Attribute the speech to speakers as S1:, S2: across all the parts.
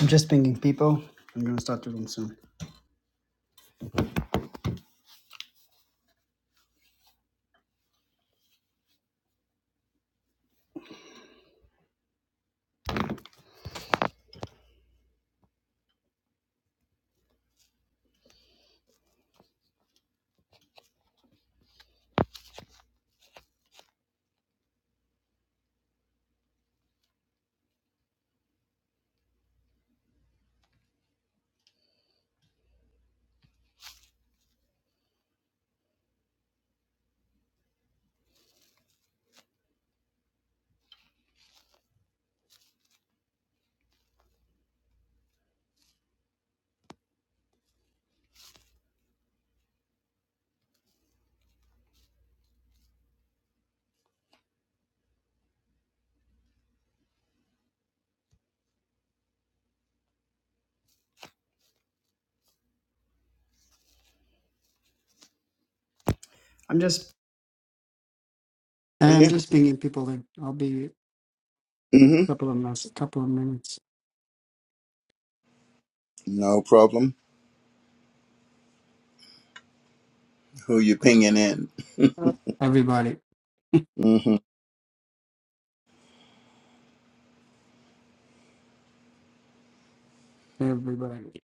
S1: I'm just pinging people. I'm gonna start doing soon. I'm just
S2: Are
S1: I'm
S2: you?
S1: just pinging people in. I'll be a
S2: hmm
S1: couple of minutes. couple of minutes.
S2: No problem. Who you pinging in?
S1: Everybody,
S2: mm hmm
S1: everybody.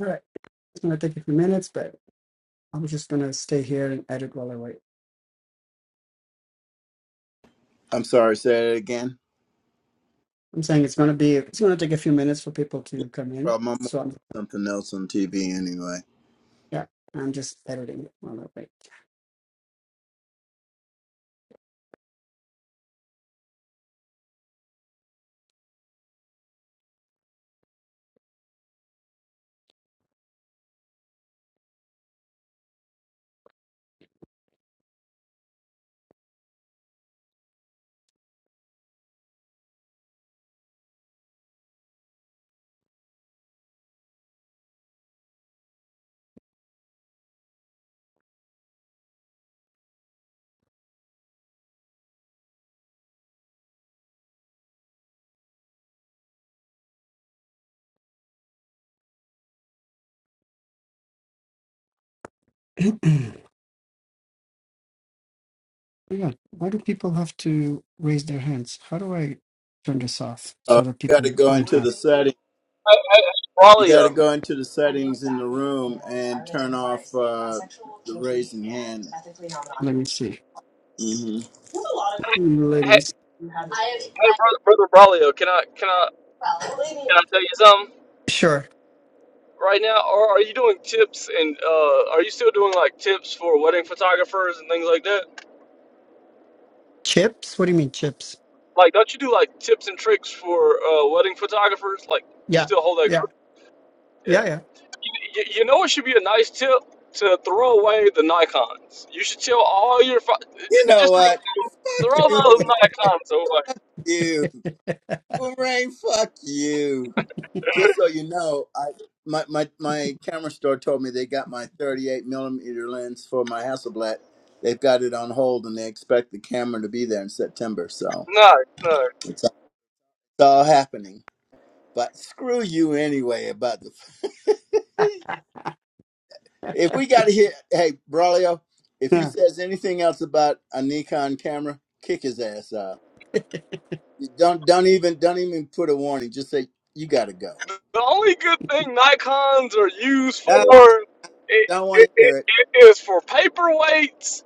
S1: All right. It's gonna take a few minutes, but I'm just gonna stay here and edit while I wait.
S2: I'm sorry, say it again.
S1: I'm saying it's gonna be it's gonna take a few minutes for people
S2: Yeah,
S1: to come
S2: no
S1: in.
S2: problem. I'm watching
S1: So I'm
S2: something else on TV anyway.
S1: yeah, I'm just editing it while I wait. yeah. Why do people have to raise their hands? How do I turn this off so
S2: Oh,
S1: that
S2: you got
S1: people
S2: to go
S1: don't
S2: into
S1: have?
S2: the setting.
S3: Hey, hey, hey,
S2: You got to
S3: Braulio.
S2: go into the settings in the room and turn off uh, the raising hand.
S1: Let me see.
S2: mm hmm
S1: Let
S3: Hey,
S1: me. See.
S3: hey, brother, brother Braulio, can I can I can I tell you something
S1: Sure.
S3: right now? Or are you doing tips and uh, are you still doing like tips for wedding photographers and things like that?
S1: Chips? What do you mean chips?
S3: Like, don't you do like tips and tricks for uh, wedding photographers? Like, you
S1: Yeah,
S3: still hold that
S1: yeah,
S3: group?
S1: yeah,
S3: Yeah.
S1: yeah.
S3: You, you, you know it should be a nice tip to throw away the Nikon's. You should tell all your pho- j-
S2: You know
S3: just
S2: what? Fuck
S3: throw
S2: you,
S3: those Nikon's away.
S2: Boomerang. Boomerang, fuck you. Just so you know, I my, my my camera store told me they got my 38 millimeter lens for my Hasselblad. They've got it on hold, and they expect the camera to be there in September. So
S3: No, no.
S2: it's, it's all happening. But screw you anyway about the. If we got to hear, hey Braulio, if he
S1: yeah.
S2: says anything else about a Nikon camera, kick his ass out. You don't don't even don't even put a warning. Just say you got to go.
S3: the only good thing Nikons are used
S2: I
S3: for it,
S2: don't want to
S3: it, it,
S2: hear it.
S3: it is for paperweights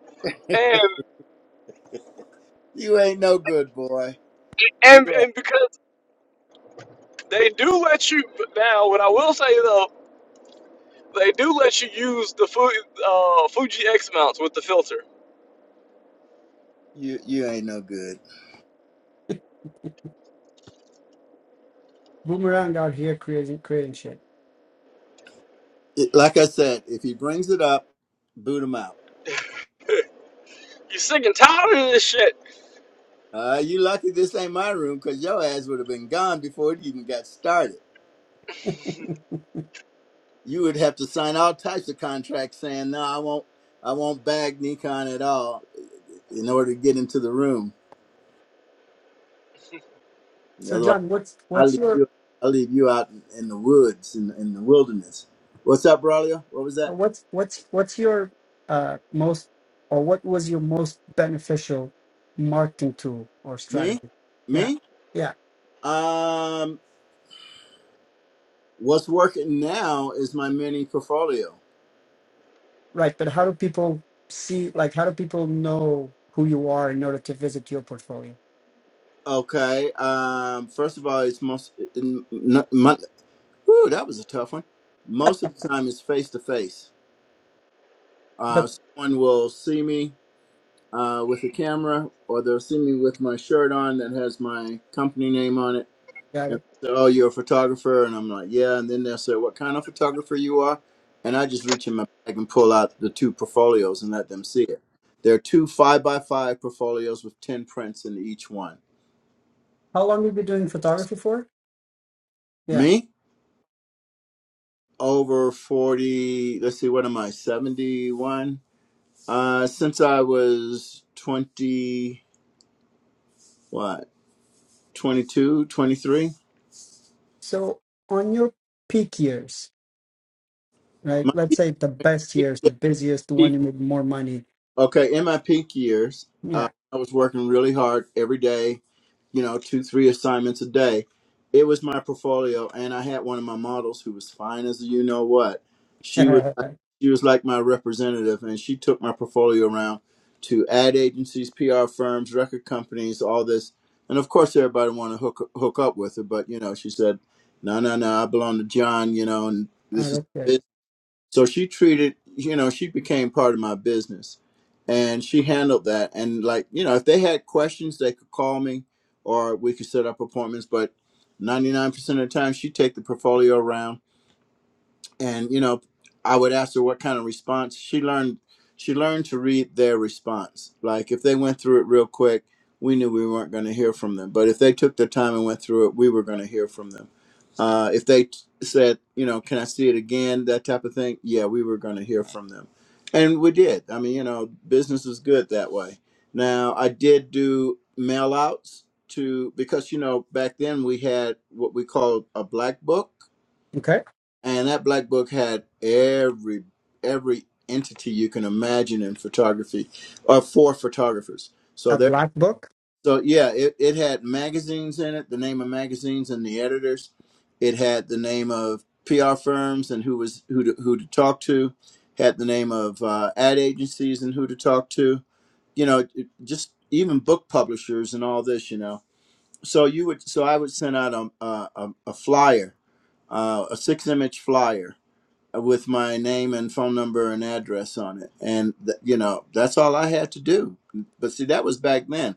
S3: and
S2: You ain't no good, boy. You
S3: and
S2: are.
S3: and because they do let you now what I will say though they do let you use the Fu, uh, Fuji X mounts with the filter.
S2: You you ain't no good.
S1: Boomerang out here creating creating shit.
S2: It- like I said, if he brings it up, boot him out.
S3: You sick and tired of this shit?
S2: Uh, you lucky this ain't my room because your ass would have been gone before it even got started. You would have to sign all types of contracts saying no, I won't, I won't bag Nikon at all in order to get into the room.
S1: So
S2: Otherwise,
S1: John, what's
S2: I'll
S1: what's
S2: leave
S1: your
S2: you, I'll leave you out in, in the woods in, in the wilderness. What's up, Braulio? What was that?
S1: what's what's what's your uh most or what was your most beneficial marketing tool or
S2: Me,
S1: strategy? Yeah,
S2: me.
S1: yeah.
S2: Um, what's working now is my mini portfolio.
S1: Right, but how do people see, like, how do people know who you are in order to visit your portfolio?
S2: Okay. Um. First of all, it's most. In, n- mon- whew, that was a tough one. Most of the time, it's face to face. Uh,
S1: But
S2: Someone will see me uh, with a camera, or they'll see me with my shirt on that has my company name on it,
S1: got
S2: and
S1: it.
S2: say, "Oh, you're a photographer," and I'm like, "Yeah." And then they'll say, "What kind of photographer you are?" And I just reach in my bag and pull out the two portfolios and let them see it. There are two five by five portfolios with ten prints in each one.
S1: How long have you been doing photography for? Yeah.
S2: Me? over 40 let's see what am i 71 uh since i was 20 what 22, 23.
S1: So on your peak years, right?
S2: my
S1: Let's say the best
S2: peak,
S1: years,
S2: yeah,
S1: the busiest, the one
S2: peak-
S1: you made more money.
S2: okay in my peak years uh,
S1: Yeah.
S2: i was working really hard every day you know, two, three assignments a day. It was my portfolio, and I had one of my models who was fine as you know what. She was like, she was like my representative, and she took my portfolio around to ad agencies, PR firms, record companies, all this. And of course, everybody wanted to hook hook up with her, but you know, she said, "No, no, no, I belong to John," you know, and
S1: Oh,
S2: this is
S1: that's good.
S2: business. So she treated, you know, she became part of my business and she handled that. And like, you know, if they had questions, they could call me or we could set up appointments. But 99% of the time, she'd take the portfolio around and you know i would ask her what kind of response she learned she learned to read their response like if they went through it real quick we knew we weren't going to hear from them but if they took their time and went through it we were going to hear from them uh, if they t- said you know can i see it again that type of thing yeah we were going to hear from them and we did i mean you know business is good that way now i did do mail outs to because you know back then we had what we called a black book
S1: Okay.
S2: and that black book had every every entity you can imagine in photography or for photographers so
S1: A
S2: there
S1: black book.
S2: so yeah it, it had magazines in it the name of magazines and the editors it had the name of pr firms and who was who to, who to talk to had the name of uh, ad agencies and who to talk to you know it- just even book publishers and all this you know so you would so i would send out a, a, a a flyer uh, a six image flyer with my name and phone number and address on it. And th- you know, that's all I had to do. But see, that was back then.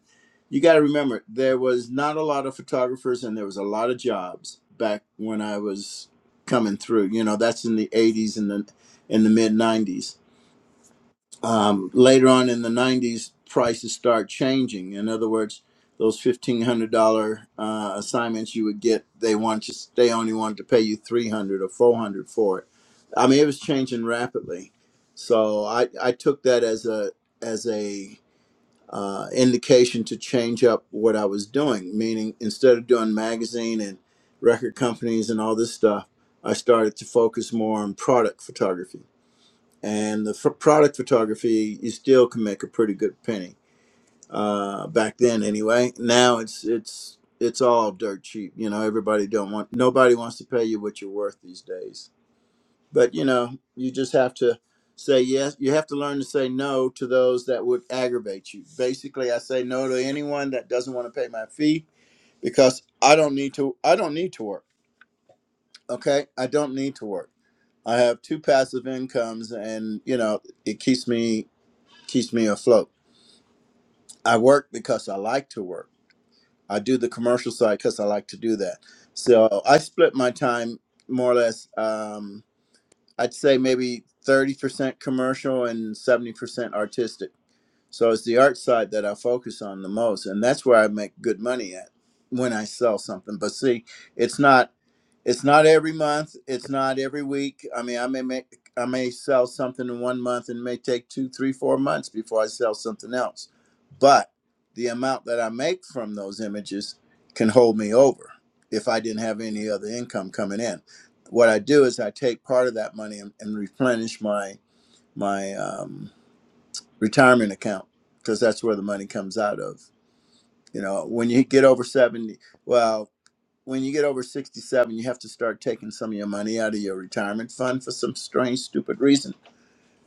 S2: You got to remember, there was not a lot of photographers and there was a lot of jobs back when I was coming through. You know, that's in the 80s and the in the mid 90s um, later on in the 90s prices start changing in other words those $1500 uh, assignments you would get they want to they only wanted to pay you 300 or 400 for it i mean it was changing rapidly so i, I took that as a as a uh, indication to change up what i was doing meaning instead of doing magazine and record companies and all this stuff i started to focus more on product photography and the f- product photography you still can make a pretty good penny uh, back then anyway now it's it's it's all dirt cheap you know everybody don't want nobody wants to pay you what you're worth these days but you know you just have to say yes you have to learn to say no to those that would aggravate you basically i say no to anyone that doesn't want to pay my fee because i don't need to i don't need to work okay i don't need to work i have two passive incomes and you know it keeps me keeps me afloat. I work because I like to work. I do the commercial side because I like to do that. So I split my time more or less. Um, I'd say maybe thirty percent commercial and seventy percent artistic. So it's the art side that I focus on the most, and that's where I make good money at when I sell something. But see, it's not. It's not every month. It's not every week. I mean, I may make, I may sell something in one month and it may take two, three, four months before I sell something else. But the amount that I make from those images can hold me over if I didn't have any other income coming in. What I do is I take part of that money and, and replenish my my um, retirement account because that's where the money comes out of. You know, when you get over seventy, well, when you get over 67, you have to start taking some of your money out of your retirement fund for some strange, stupid reason.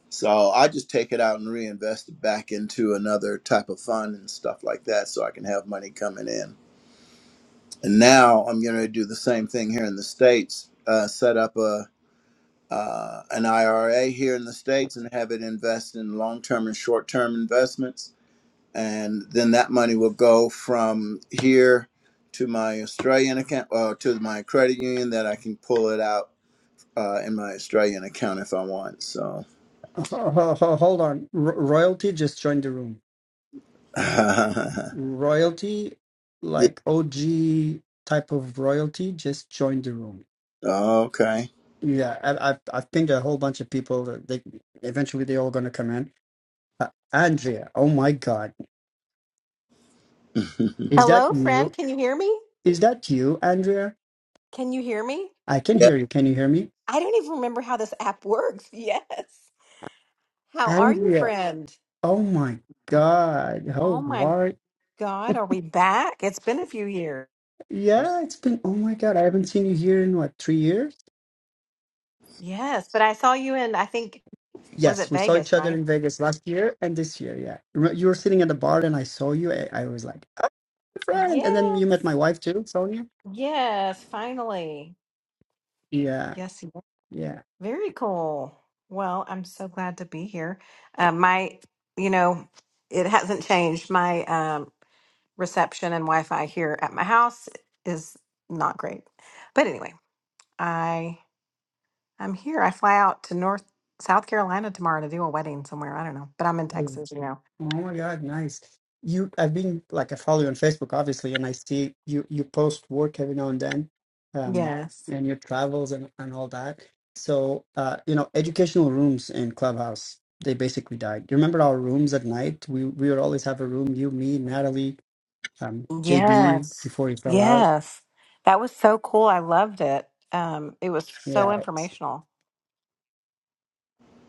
S2: So I just take it out and reinvest it back into another type of fund and stuff like that so I can have money coming in. And now I'm going to do the same thing here in the States, uh, set up a uh, an IRA here in the States and have it invest in long term and short term investments and then that money will go from here to my Australian account uh, to my credit union that I can pull it out uh, in my Australian account if I want. So,
S1: Ho- ho- ho- Hold on. Ro royalty just joined the room.
S2: Yeah.
S1: Royalty, like OG type of royalty, just joined the room.
S2: okay,
S1: Yeah, I, I I think a whole bunch of people that they eventually they're all gonna come in. Uh, Andrea, oh my God, is that
S4: Hello,
S1: you?
S4: friend. Can you hear me?
S1: Is that you, Andrea?
S4: Can you hear me?
S1: I can
S2: yeah,
S1: hear you. Can you hear me,
S4: I don't even remember how this app works. Yes. How are you,
S1: Andrea?
S4: friend?
S1: Oh my God,
S4: Oh
S1: how
S4: my
S1: are?
S4: God, are we back? It's been a few years.
S1: Yeah, it's been. Oh my God, I haven't seen you here in what three years?
S4: Yes, but I saw you in, I think, was
S1: Yes,
S4: it
S1: we saw each
S4: Vegas,
S1: other
S4: right?
S1: in Vegas last year and this year. Yeah, Re- you were sitting at the bar and I saw you. I, I was like, "Ah, friend, and then
S4: Yes.
S1: you met my wife too, Sonia.
S4: Yes, finally.
S1: Yeah,
S4: Yes, yes.
S1: yeah.
S4: very cool. Well, I'm so glad to be here. Uh, my, you know, it hasn't changed. My um, reception and Wi-Fi here at my house is not great. But anyway, I I'm here. I fly out to North South Carolina tomorrow to do a wedding somewhere. I don't know, but I'm in Texas, you know.
S1: Oh my God, nice. You, I've been like I follow you on Facebook, obviously, and I see you you post work every now and then, um,
S4: Yes.
S1: and your travels and and all that. So, uh, you know, educational rooms in Clubhouse, they basically died. You remember our rooms at night? We we would always have a room, you, me, Natalie, um, JB
S4: Yes.
S1: before he fell out.
S4: Yes. That was so cool. I loved it. Um it was so
S1: Yeah. s-
S4: informational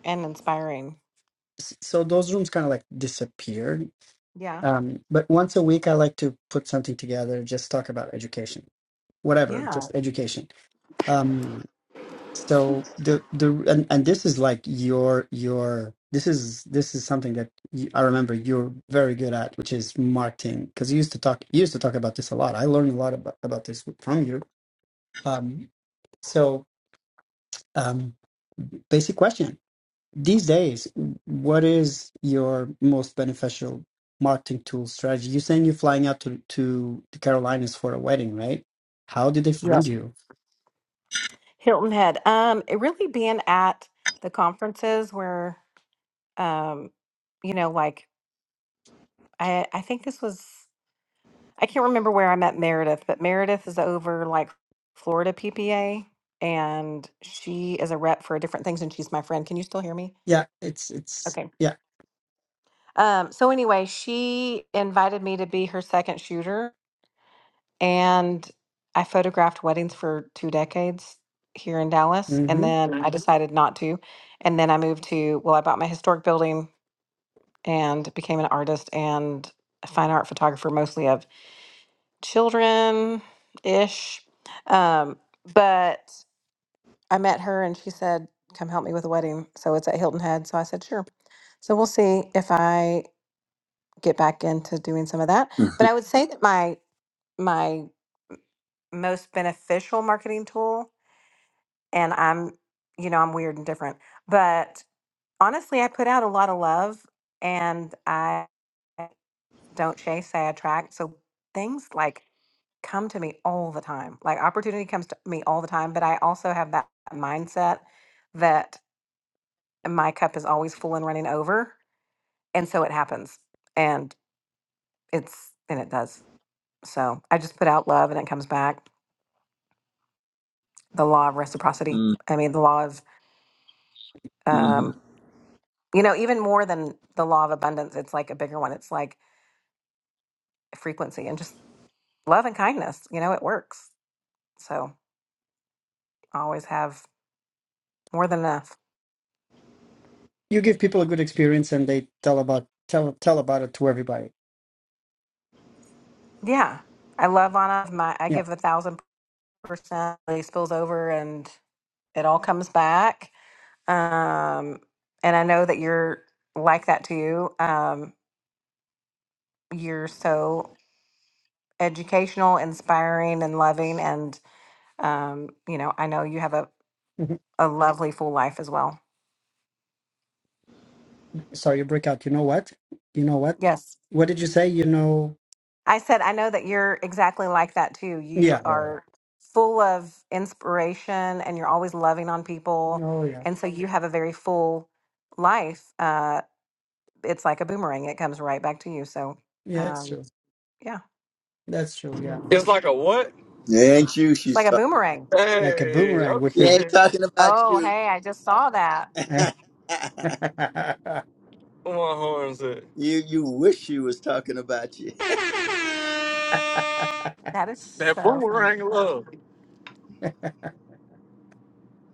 S4: and inspiring.
S1: So those rooms kind of like disappeared.
S4: Yeah.
S1: Um, but once a week, I like to put something together, just talk about education, whatever,
S4: Yeah.
S1: just education um so the the and, and this is like your your this is this is something that you, i remember you're very good at which is marketing because you used to talk you used to talk about this a lot i learned a lot about, about this from you um so um basic question these days what is your most beneficial marketing tool strategy you're saying you're flying out to to the carolinas for a wedding right how did they find
S4: Yes.
S1: you
S4: Hilton Head. Um it really being at the conferences where um you know like I I think this was I can't remember where I met Meredith, but Meredith is over like Florida PPA and she is a rep for different things and she's my friend. Can you still hear me?
S1: yeah it's it's
S4: Okay.
S1: yeah
S4: Um, so anyway, she invited me to be her second shooter and I photographed weddings for two decades here in Dallas and then I Mhm. decided not to. And then I moved to, well, I bought my historic building and became an artist and a fine art photographer mostly of children ish. Um, but I met her and she said, Come help me with a wedding. So it's at Hilton Head. So I said, Sure. So we'll see if I get back into doing some of that. But I would say that my my most beneficial marketing tool, and I'm you know, I'm weird and different, but honestly I put out a lot of love and I don't chase, I attract. So things like come to me all the time. Like opportunity comes to me all the time, but I also have that mindset that my cup is always full and running over, and so it happens. And it's and it does. So I just put out love and it comes back. The law of reciprocity. I mean, the law of
S2: mm-hmm.
S4: um, you know, even more than the law of abundance, it's like a bigger one. It's like frequency and just love and kindness, you know, it works. So I always have more than enough.
S1: you give people a good experience and they tell about tell tell about it to everybody
S4: Yeah. I love on my I
S1: yeah
S4: give a thousand percent percent spills over and it all comes back. Um, and I know that you're like that too. Um, you're so educational, inspiring, and loving. And um, you know, I know you have a,
S1: Mhm.
S4: a lovely full life as well.
S1: sorry you break out you know what you know what
S4: Yes,
S1: what did you say you know
S4: I said I know that you're exactly like that too. You
S1: yeah yeah,
S4: are full of inspiration, and you're always loving on
S1: yeah.
S4: people.
S1: oh yeah
S4: And so you have a very full life. Uh, it's like a boomerang. It comes right back to you. So,
S1: yeah it's
S4: um,
S1: true
S4: yeah,
S1: that's true yeah
S3: It's like a what?
S2: ain't you?
S4: it's
S2: She's
S4: like a
S2: talking.
S4: boomerang.
S1: like a
S3: Hey,
S1: boomerang with
S2: She
S1: the
S3: okay.
S2: ain't talking about
S4: Oh,
S2: you.
S4: hey, I just saw that.
S3: Come on, horns. That
S2: you you wish she was talking about you.
S4: That is so funny.
S3: boomerang love.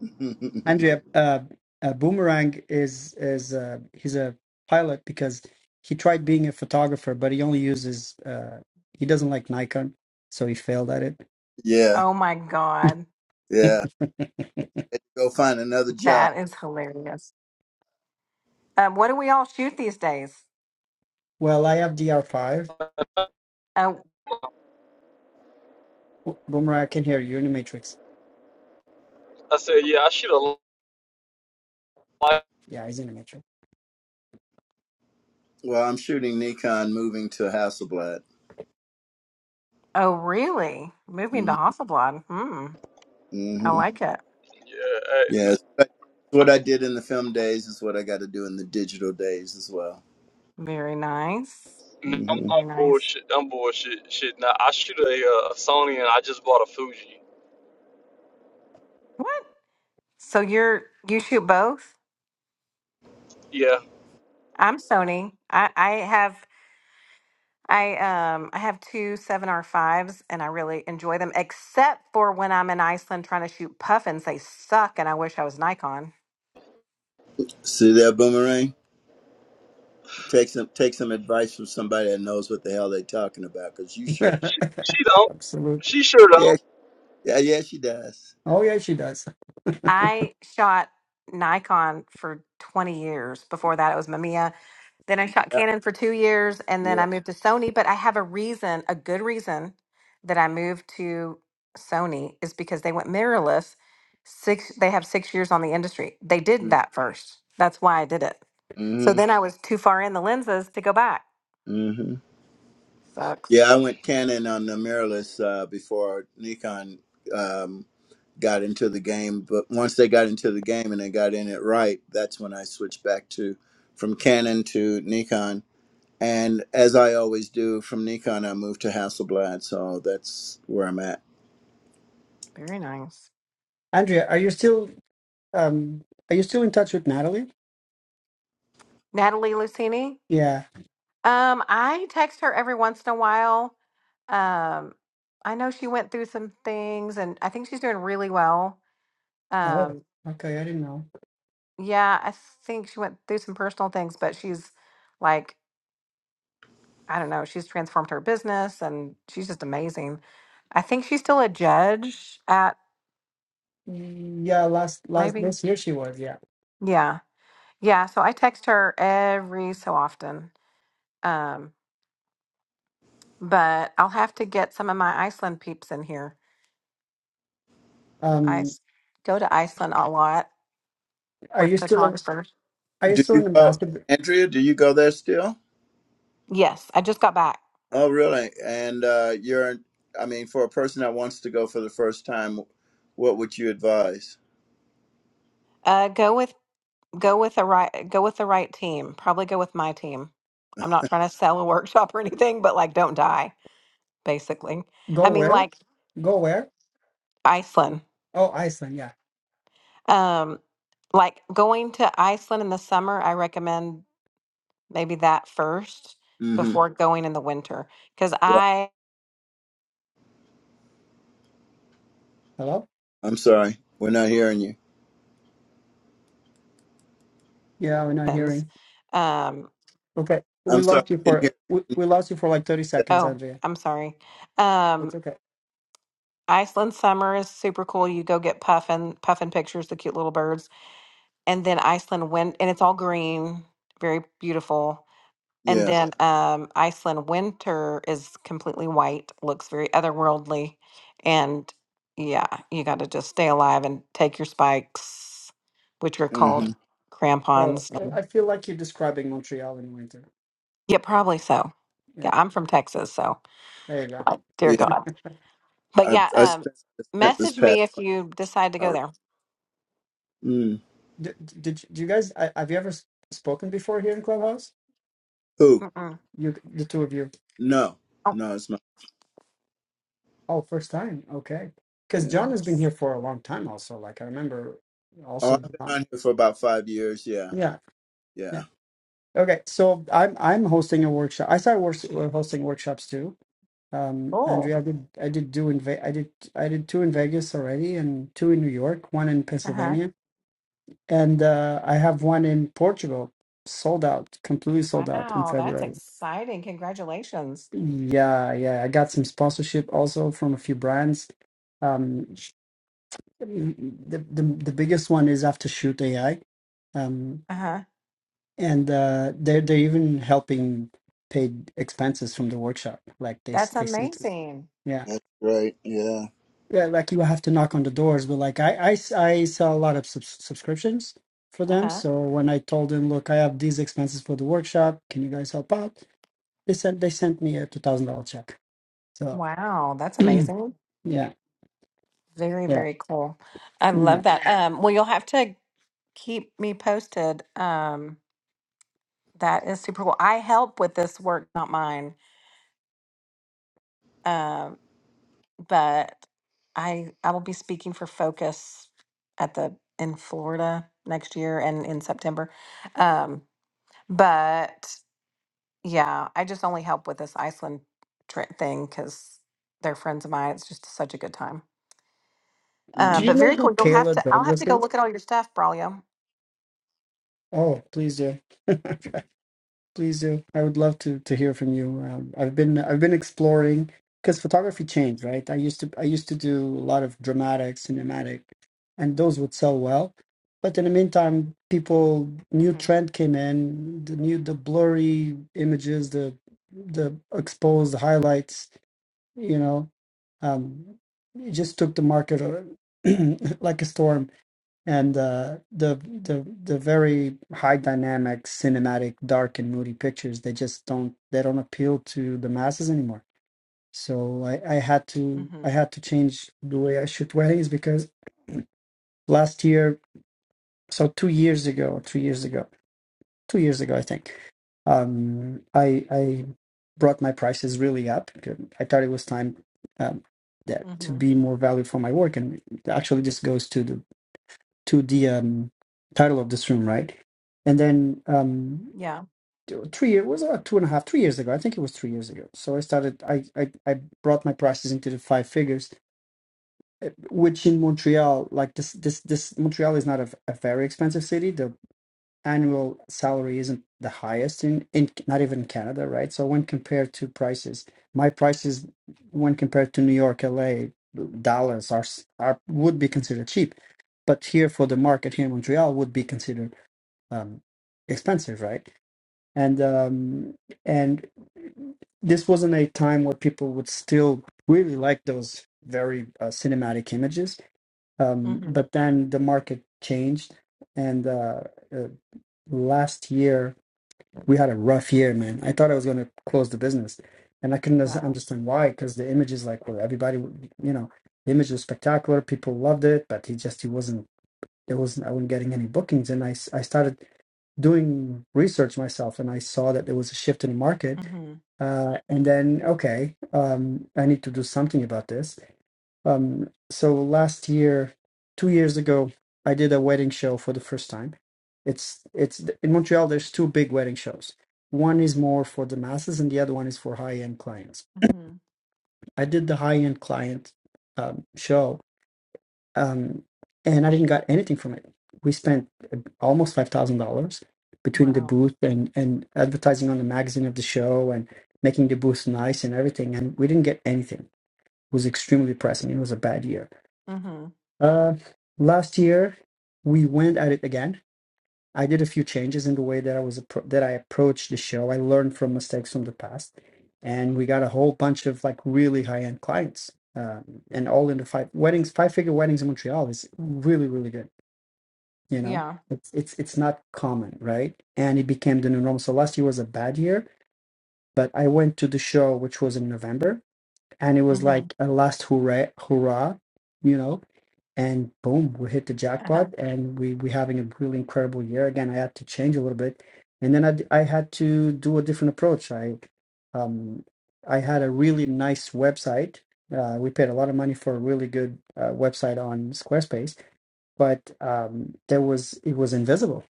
S1: andrea uh, a boomerang is is uh he's a pilot because he tried being a photographer but he only uses uh he doesn't like nikon so he failed at it
S2: yeah,
S4: Oh my God.
S2: yeah. Go find another job.
S4: That is hilarious. Um, what do we all shoot these days?
S1: well i have dr5
S4: Oh,
S1: Bo- Boomer, I can hear you. You're in the Matrix.
S3: I said, yeah, I should have. liked.
S1: Yeah, he's in the Matrix.
S2: Well, I'm shooting Nikon, moving to Hasselblad.
S4: oh, really? Moving to Hasselblad. Hmm. I
S2: Mm-hmm.
S4: like it.
S3: Yeah,
S2: Yes, But what I did in the film days is what I got to do in the digital days as well.
S4: Very nice.
S3: No, I'm
S2: hmm
S4: Very
S3: not
S4: nice.
S3: bullshit. I'm bullshit. Shit, nah, I shoot a, uh, Sony and I just bought a Fuji.
S4: What? So you're you shoot both?
S3: Yeah,
S4: I'm Sony. I I have I um I have two seven R fives and I really enjoy them, except for when I'm in Iceland trying to shoot puffins. They suck and I wish I was Nikon.
S2: See that boomerang? Take some take some advice from somebody that knows what the hell they're talking about, because you sure.
S3: she, she don't.
S1: Absolute.
S3: She sure don't.
S2: Yeah, yeah, yeah, she does.
S1: Oh, yeah, she does.
S4: I shot Nikon for 20 years. Before that it was Mamiya. Then I shot
S2: Yeah,
S4: Canon for two years and
S2: yeah.
S4: then I moved to Sony. But I have a reason, a good reason that I moved to Sony is because they went mirrorless. Six they have six years on the industry. They did
S2: mm,
S4: that first. That's why I did it. So
S2: Mm-hmm.
S4: then I was too far in the lenses to go back.
S2: Mm-hmm.
S4: Sucks.
S2: Yeah, I went Canon on the mirrorless uh, before Nikon. Um, got into the game. But once they got into the game and they got in it right, that's when I switched back to from Canon to Nikon. And as I always do, from Nikon I moved to Hasselblad, so that's where I'm at.
S4: Very nice.
S1: Andrea, are you still um are you still in touch with Natalie?
S4: Natalie Lucini.
S1: Yeah.
S4: Um, I text her every once in a while. Um, I know she went through some things and I think she's doing really well.
S1: Oh,
S4: Um,
S1: okay, I didn't know.
S4: yeah, I think she went through some personal things, but she's like, I don't know, she's transformed her business and she's just amazing. I think she's still a judge at
S1: Yeah, last last
S4: maybe.
S1: this year she was, yeah.
S4: Yeah. Yeah. So I text her every so often. Um, but I'll have to get some of my Iceland peeps in here. I
S1: Um
S4: s- go to Iceland a lot
S1: are
S4: with
S1: you still a-
S4: photographers.
S1: are you
S2: Do
S1: still
S2: you
S1: an
S2: go,
S1: ambassador?
S2: Andrea? Do you go there still?
S4: Yes, I just got back.
S2: Oh, really? And uh, you're, I mean, for a person that wants to go for the first time, what would you advise?
S4: Uh, go with go with the right go with the right team. Probably go with my team. I'm not trying to sell a workshop or anything, but like, don't die. Basically,
S1: Go
S4: I mean,
S1: where?
S4: like
S1: Go where?
S4: Iceland.
S1: Oh, Iceland, yeah.
S4: Um, like going to Iceland in the summer, I recommend maybe that first
S2: Mm-hmm.
S4: before going in the winter because
S2: Right.
S4: I
S1: Hello?
S2: I'm sorry, we're not hearing you.
S1: Yeah, we're not hearing.
S4: um,
S1: Okay, we
S2: I'm sorry,
S1: lost you
S2: we
S1: for
S2: didn't
S1: we,
S2: hear.
S1: we lost you for like thirty
S2: you.
S1: seconds,
S4: Oh,
S1: Andrea.
S4: I'm sorry. Um,
S1: It's okay.
S4: Iceland summer is super cool. You go get puffin puffin pictures, the cute little birds, and then Iceland wind, and it's all green, very beautiful. And
S2: Yeah.
S4: then um, Iceland winter is completely white, looks very otherworldly, and yeah, you got to just stay alive and take your spikes, which are called
S2: Mm-hmm.
S1: Oh,
S4: crampons.
S1: I
S4: And,
S1: I feel like you're describing Montreal in winter.
S4: yeah, probably so.
S1: Yeah,
S4: Yeah, I'm from Texas, so
S1: there you go.
S4: like, dear
S2: Yeah.
S4: God. But
S2: I
S4: yeah,
S2: I
S4: um,
S2: spent, I spent this
S4: message
S2: past
S4: me if
S2: winter.
S4: you decide to
S2: all
S4: go there.
S2: right. Mm.
S1: Did did you, do you guys I, have you ever s- spoken before here in Clubhouse?
S2: Who?
S4: Mm-mm.
S1: You the two of you.
S2: No,
S4: Oh,
S2: no, it's not.
S1: Oh, first time. Okay, because
S2: Yeah.
S1: John has been
S4: oops.
S1: here for a long time. Also, like I remember,
S2: Oh,
S1: also
S2: I've been
S1: John.
S2: on here for about five years. Yeah,
S1: Yeah,
S2: yeah.
S1: yeah. Okay, so I'm I'm hosting a workshop. I started wor- hosting workshops too Um,
S4: cool.
S1: Andrea, I did I did do in Ve- I did I did two in Vegas already and two in New York, one in
S4: Uh huh.
S1: Pennsylvania, and uh, I have one in Portugal, sold out, completely sold out in
S4: Wow, that's
S1: February.
S4: exciting. Congratulations.
S1: Yeah, yeah, I got some sponsorship also from a few brands. Um, sh- the the the biggest one is after shoot AI, um,
S4: Uh huh.
S1: and uh, they're they're even helping paid expenses from the workshop. Like they s-
S4: That's
S1: they sent,
S4: amazing.
S1: yeah.
S2: That's right. Yeah.
S1: Yeah, like you have to knock on the doors, but like I, I s- I sell a lot of subs- subscriptions for them.
S4: Uh-huh.
S1: So when I told them, look, I have these expenses for the workshop, can you guys help out? They sent they sent me a two thousand dollar check. So
S4: Wow, that's amazing.
S1: yeah,
S4: Very,
S1: yeah,
S4: very cool. I love
S1: yeah.
S4: that. Um, well, you'll have to keep me posted. Um, that is super cool. I help with this work, not mine. Um, but I I will be speaking for Focus at the in Florida next year and in September. Um, but yeah, I just only help with this Iceland trip thing because they're friends of mine. It's just such a good time. Uh,
S1: Do you
S2: Mm.
S4: but
S1: know
S4: very
S1: who
S4: cool. You'll have
S1: Kayla
S4: to. I'll have
S1: Douglas
S4: to go
S1: is?
S4: look at all your stuff, Braulio.
S1: Oh, please do. Please do. I would love to to hear from you. Um, I've been I've been exploring because photography changed, right? I used to I used to do a lot of dramatic, cinematic, and those would sell well. But in the meantime, people new
S4: Mm-hmm.
S1: trend came in, the new the blurry images, the the exposed highlights, you know, um, it just took the market uh, like a storm and uh, the the the very high dynamic cinematic dark and moody pictures they just don't they don't appeal to the masses anymore so i i had to i
S4: Mm-hmm.
S1: had to change the way i shoot weddings because last year so two years ago three years ago two years ago i think um i i brought my prices really up because i thought it was time um that to
S4: Mm-hmm.
S1: be more value for my work and actually this goes to the to the um, title of this room, right? And then um,
S4: Yeah.
S1: three years was about two and a half, three years ago. I think it was three years ago. So I started. I I, I brought my prices into the five figures, eh, which in Montreal, like this this this Montreal is not a, a very expensive city. The annual salary isn't the highest in, in not even Canada, right? So when compared to prices, my prices when compared to New York, LA, Dallas are s- are would be considered cheap, but here for the market here in Montreal would be considered um, expensive, right? And um, and this wasn't a time where people would still really like those very uh, cinematic images, um,
S4: Mm-hmm.
S1: but then the market changed and. Uh, uh, last year we had a rough year, man. I thought I was going to close the business, and I couldn't under-
S4: Wow.
S1: understand why because the images like were everybody, you know, the image was spectacular. People loved it, but he just he wasn't. It wasn't. I wasn't getting any bookings, and I s- I started doing research myself, and I saw that there was a shift in the market.
S4: Mm-hmm.
S1: Uh, and then okay, um, I need to do something about this um, so last year, two years ago, I did a wedding show for the first time. It's it's in Montreal. There's two big wedding shows. One is more for the masses, and the other one is for high end clients.
S4: Mm-hmm.
S1: I did the high end client um, show, um, and I didn't got anything from it. We spent uh, almost five thousand dollars between the
S4: Wow.
S1: booth and and advertising on the magazine of the show and making the booth nice and everything, and we didn't get anything. It was extremely depressing. It was a bad year
S4: Mm-hmm.
S1: Uh, last year we went at it again. I did a few changes in the way that I was appro- that I approached the show. I learned from mistakes from the past, and we got a whole bunch of like really high end clients, um, and all in the five weddings, five figure weddings in Montreal is really really good. You know,
S4: Yeah.
S1: it's it's it's not common, right? And it became the new norm. So last year was a bad year, but I went to the show, which was in November, and it was
S4: Mm-hmm.
S1: like a last hurrah, hurrah, you know. And boom, we hit the
S4: Uh-huh.
S1: jackpot, and we we having a really incredible year. Again, I had to change a little bit, and then I d- I had to do a different approach. I um I had a really nice website. Uh, we paid a lot of money for a really good uh, website on Squarespace, but um, there was it was invisible,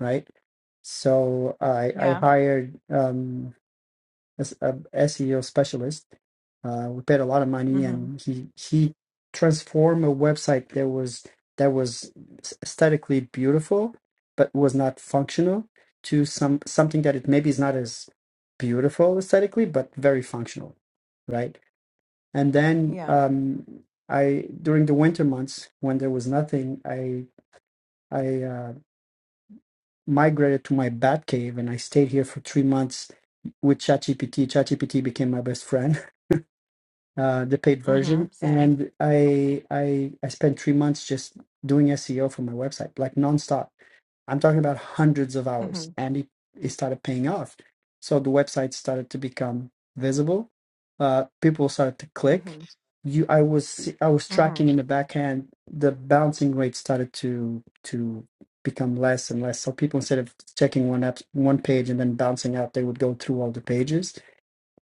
S1: right? So I I
S4: Yeah.
S1: hired. Um, as a SEO specialist. Uh, we paid a lot of money,
S4: Mm-hmm.
S1: and he he transformed a website that was that was aesthetically beautiful but was not functional to some something that it maybe is not as beautiful aesthetically but very functional, right? And then
S4: Yeah.
S1: um, I during the winter months when there was nothing, I I uh, migrated to my bat cave and I stayed here for three months with ChatGPT. ChatGPT became my best friend uh, the paid
S4: Mm-hmm.
S1: version,
S4: Same.
S1: and I I I spent three months just doing SEO for my website, like nonstop. I'm talking about hundreds of hours,
S4: Mm-hmm.
S1: and it, it started paying off. So the website started to become visible. Uh, people started to click.
S4: Mm-hmm.
S1: You, I was I was
S4: Mm-hmm.
S1: tracking in the back end. The bouncing rate started to to become less and less. So people instead of checking one app, one page and then bouncing out, they would go through all the pages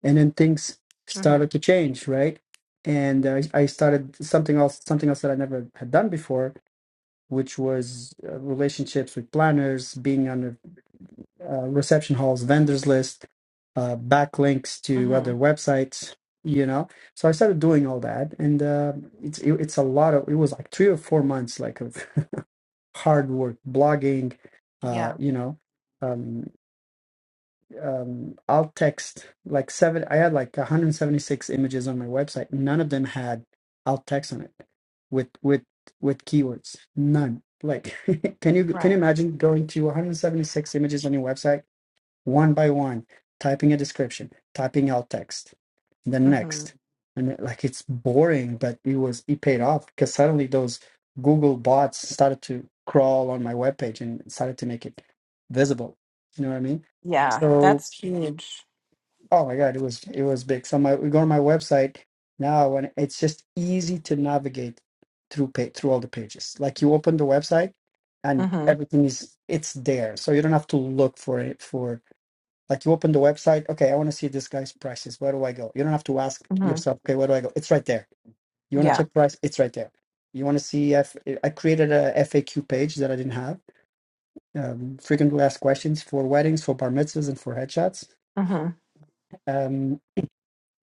S1: and then things
S4: Mm-hmm.
S1: started to change right and uh, i started something else something else that i never had done before which was uh, relationships with planners being on the uh, reception halls vendors list uh, backlinks to
S4: Mm-hmm.
S1: other websites you know so i started doing all that and uh, it's it, it's a lot of it was like three or four months like of hard work blogging uh,
S4: Yeah.
S1: you know um, um, alt text, like seven, I had like 176 images on my website. None of them had alt text on it with with with keywords. None. Like, can you can you
S4: Right.
S1: imagine going to 176 images on your website one by one, typing a description, typing alt text, the
S4: Mm-hmm.
S1: next, and it- like it's boring, but it was it paid off because suddenly those Google bots started to crawl on my webpage and started to make it visible. You know what I mean?
S4: Yeah.
S1: So
S4: That's huge.
S1: Oh my God, it was it was big. So my we go to my website now, and it's just easy to navigate through pa through all the pages. Like you open the website, and
S4: Mm-hmm.
S1: everything is it's there, so you don't have to look for it for like you open the website. Okay, I want to see this guy's prices. Where do I go? You don't have to ask
S4: Mm-hmm.
S1: yourself. Okay, where do I go? It's right there. You want to
S4: Yeah.
S1: check price? It's right there. You want to see if I created a FAQ page that I didn't have. Um, frequently asked questions for weddings, for bar mitzvahs, and for headshots
S4: Mm-hmm.
S1: Um,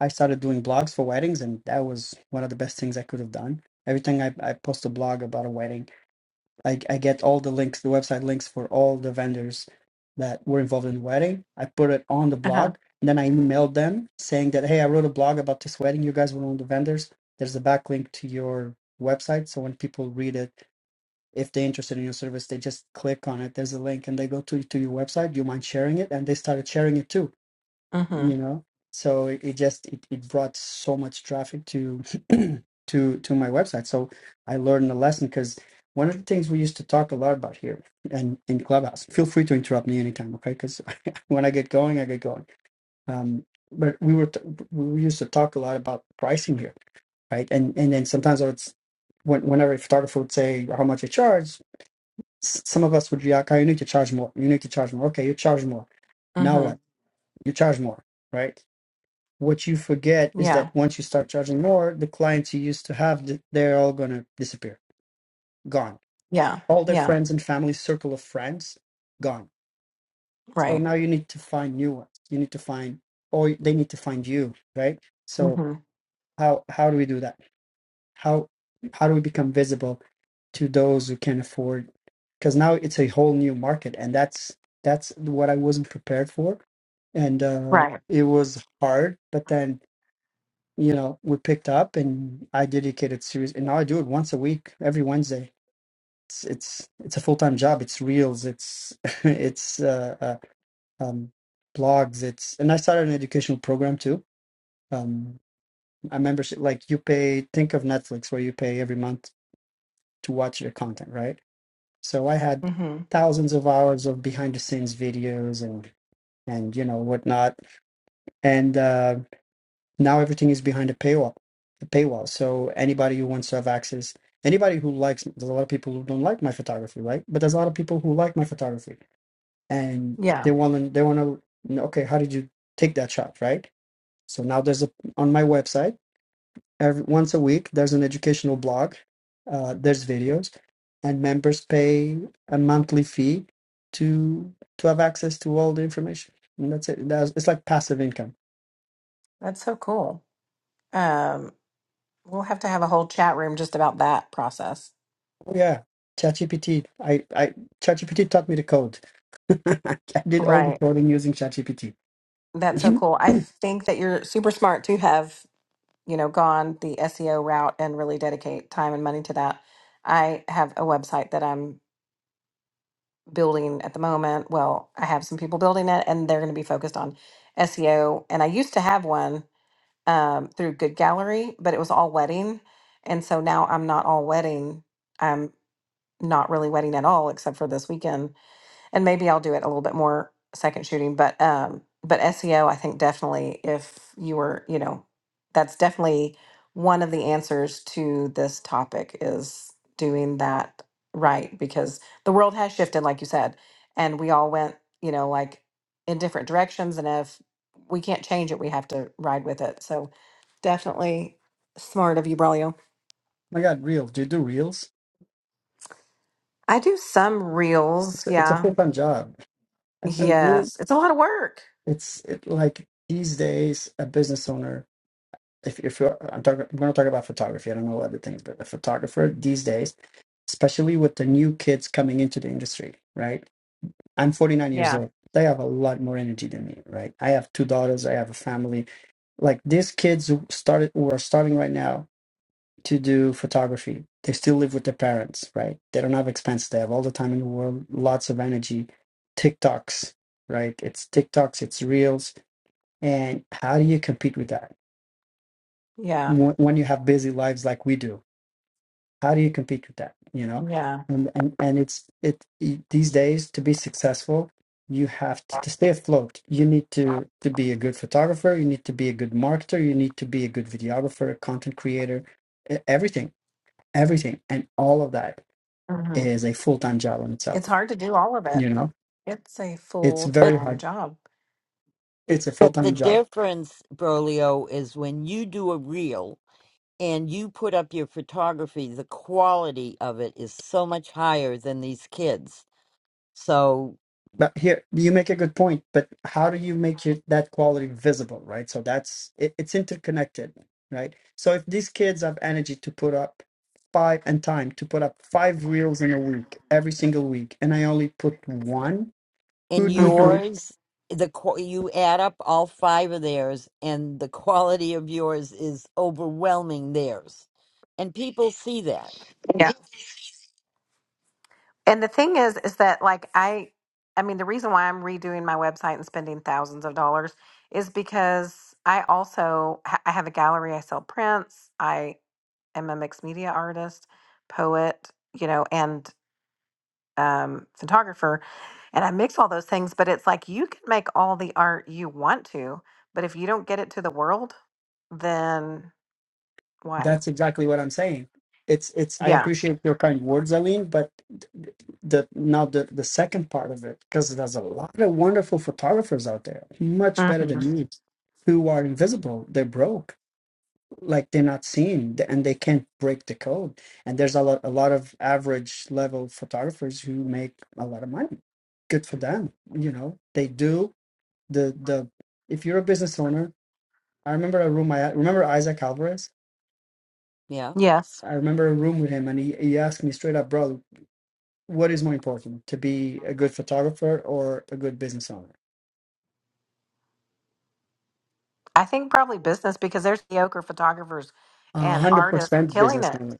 S1: I started doing blogs for weddings, and that was one of the best things I could have done. Every time I, I post a blog about a wedding, I, I get all the links, the website links for all the vendors that were involved in the wedding. I put it on the
S4: Uh-huh.
S1: blog, and then I emailed them saying that, hey, I wrote a blog about this wedding. You guys were one of the vendors. There's a backlink to your website. So when people read it, if they're interested in your service, they just click on it. There's a link and they go to, to your website. Do you mind sharing it? And they started sharing it too
S4: Mm-hmm.
S1: you know so it, it just it, it brought so much traffic to to to my website so i learned a lesson because one of the things we used to talk a lot about here and in clubhouse feel free to interrupt me anytime okay because when i get going i get going um but we were t- we used to talk a lot about pricing here right and and then sometimes i would s- when, whenever a photographer would say how much you charge s- some of us would react oh, you need to charge more you need to charge more okay you charge more now
S4: Mm-hmm.
S1: what you charge more right what you forget is
S4: Yeah.
S1: that once you start charging more, the clients you used to have, th- they're all going to disappear, gone.
S4: Yeah.
S1: All their
S4: Yeah.
S1: friends and family circle of friends, gone. So
S4: Right.
S1: now you need to find new ones. You need to find, or they need to find you, right? So
S4: Mm-hmm.
S1: how how do we do that? How how do we become visible to those who can afford? Because now it's a whole new market, and that's that's what I wasn't prepared for, and uh,
S4: Right.
S1: it was hard. But then you know, we picked up and I dedicated series and now I do it once a week, every Wednesday. It's it's it's a full-time job. It's reels, it's it's uh, uh um blogs, it's and I started an educational program too. Um a membership like you pay think of Netflix where you pay every month to watch your content, right? So I had
S4: Mm-hmm.
S1: thousands of hours of behind the scenes videos and and you know whatnot. And um Now everything is behind a paywall. A paywall. So anybody who wants to have access, anybody who likes, there's a lot of people who don't like my photography, right? But there's a lot of people who like my photography, and they
S4: Yeah.
S1: want to, they want to, okay, how did you take that shot, right? So now there's a on my website every once a week there's an educational blog, uh, there's videos, and members pay a monthly fee to to have access to all the information, and that's it. That's, it's like passive income
S4: That's so cool. Um, we'll have to have a whole chat room just about that process.
S1: Oh yeah, ChatGPT. I I ChatGPT taught me to code. I did all the
S4: Right.
S1: coding using ChatGPT.
S4: That's so cool. I think that you're super smart to have you know, gone the SEO route and really dedicate time and money to that. I have a website that I'm building at the moment. Well, I have some people building it and they're going to be focused on SEO. And I used to have one um, through Good Gallery, but it was all wedding. And so now I'm not all wedding. I'm not really wedding at all, except for this weekend and maybe I'll do it a little bit more second shooting, but um but SEO I think definitely if you were, you know, that's definitely one of the answers to this topic is doing that right because the world has shifted like you said and we all went, you know, like in different directions and if we can't change it, we have to ride with it. So definitely smart of you, Braulio.
S1: My God, reels. Do you do reels?
S4: I do some
S1: It's
S4: reels,
S1: a, it's a
S4: yeah.
S1: full time job.
S4: Yes. It's a lot of work.
S1: it's it like these days a business owner. If if you're, I'm talking, I'm going to talk about photography. I don't know other things, but a photographer these days, especially with the new kids coming into the industry, right? I'm 49 years
S4: Yeah.
S1: old. They have a lot more energy than me, right? I have two daughters. I have a family Like these kids who started who are starting right now to do photography. They still live with their parents, right? They don't have expenses. They have all the time in the world, lots of energy. TikToks, right? It's TikToks, it's reels. And how do you compete with that?
S4: Yeah.
S1: When when you have busy lives like we do, How do you compete with that? You know,
S4: Yeah.
S1: and and and it's it it- these days to be successful, you have to, to stay afloat. You need to to be a good photographer. You need to be a good marketer. You need to be a good videographer, content creator, e- everything, everything, and all of that
S4: hmm
S1: is a full time job in
S4: It's
S1: itself.
S4: hard to do all of it.
S1: You know,
S4: It's a
S1: it's
S4: full
S5: But
S1: very
S4: time
S1: hard.
S4: job.
S1: It's a full
S5: but the
S1: time job
S5: difference, Brolio, is when you do a reel and you put up your photography, the quality of it is so much higher than these kids. So
S1: But here, you make a good point, but how do you make it, that quality visible, right? So that's it, it's interconnected, right? So if these kids have energy to put up five and time to put up five reels in a week, every single week, and I only put one,
S5: in
S1: who do you
S4: hmm
S1: think
S5: yours, the qu- you add up all five of theirs, and the quality of yours is overwhelming theirs, and people see that.
S4: Yeah. And the thing is, is that like I, I mean, the reason why I'm redoing my website and spending thousands of dollars is because I also ha- I have a gallery. I sell prints. I am a mixed media artist, poet, you know, and um, photographer, and I mix all those things. But it's like you can make all the art you want to, but if you don't get it to the world, then why?
S1: that's exactly what I'm saying? It's it's I
S4: Yeah.
S1: appreciate your kind words, Aline, but th- the now the the second part of it, because there's a lot of wonderful photographers out there, much better
S4: hmm
S1: than me, who are invisible. They're broke like they're not seen th- and they can't break the code and there's a lot a lot of average level photographers who make a lot of money good for them you know they do the the if you're a business owner i remember a room i remember isaac alvarez
S5: Yeah.
S4: Yes.
S1: i remember a room with him and he, he asked me straight up bro what is more important to be a good photographer or a good business owner
S4: I think probably business because there's mediocre photographers
S1: A
S4: and artists
S1: 100%
S4: killing
S1: business
S4: it,
S1: owner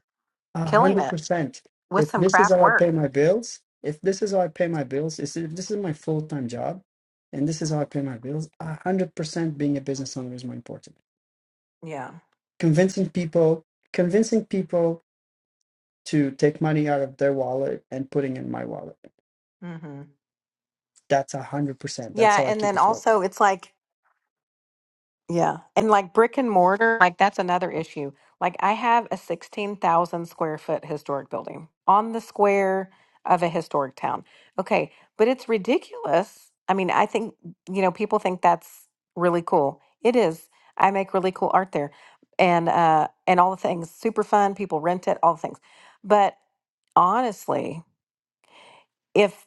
S1: A
S4: killing
S1: hundred
S4: it
S1: percent.
S4: with
S1: If
S4: some
S1: this is
S4: crap
S1: how I
S4: work.
S1: pay my bills, if this is how I pay my bills, is if this is my full time job, and this is how I pay my bills, a hundred percent being a business owner is more important.
S4: Yeah.
S1: Convincing people, convincing people to take money out of their wallet and putting in my wallet.
S4: hmm
S1: That's a hundred percent. That's
S4: Yeah.
S1: how I
S4: And
S1: keep
S4: then
S1: it floating.
S4: also, it's like, Yeah. And like brick and mortar, like that's another issue. Like I have a 16,000 square foot historic building on the square of a historic town. Okay. But it's ridiculous. I mean, I think, you know, people think that's really cool. It is. I make really cool art there and, uh, and all the things super fun. People rent it, all the things. But honestly, if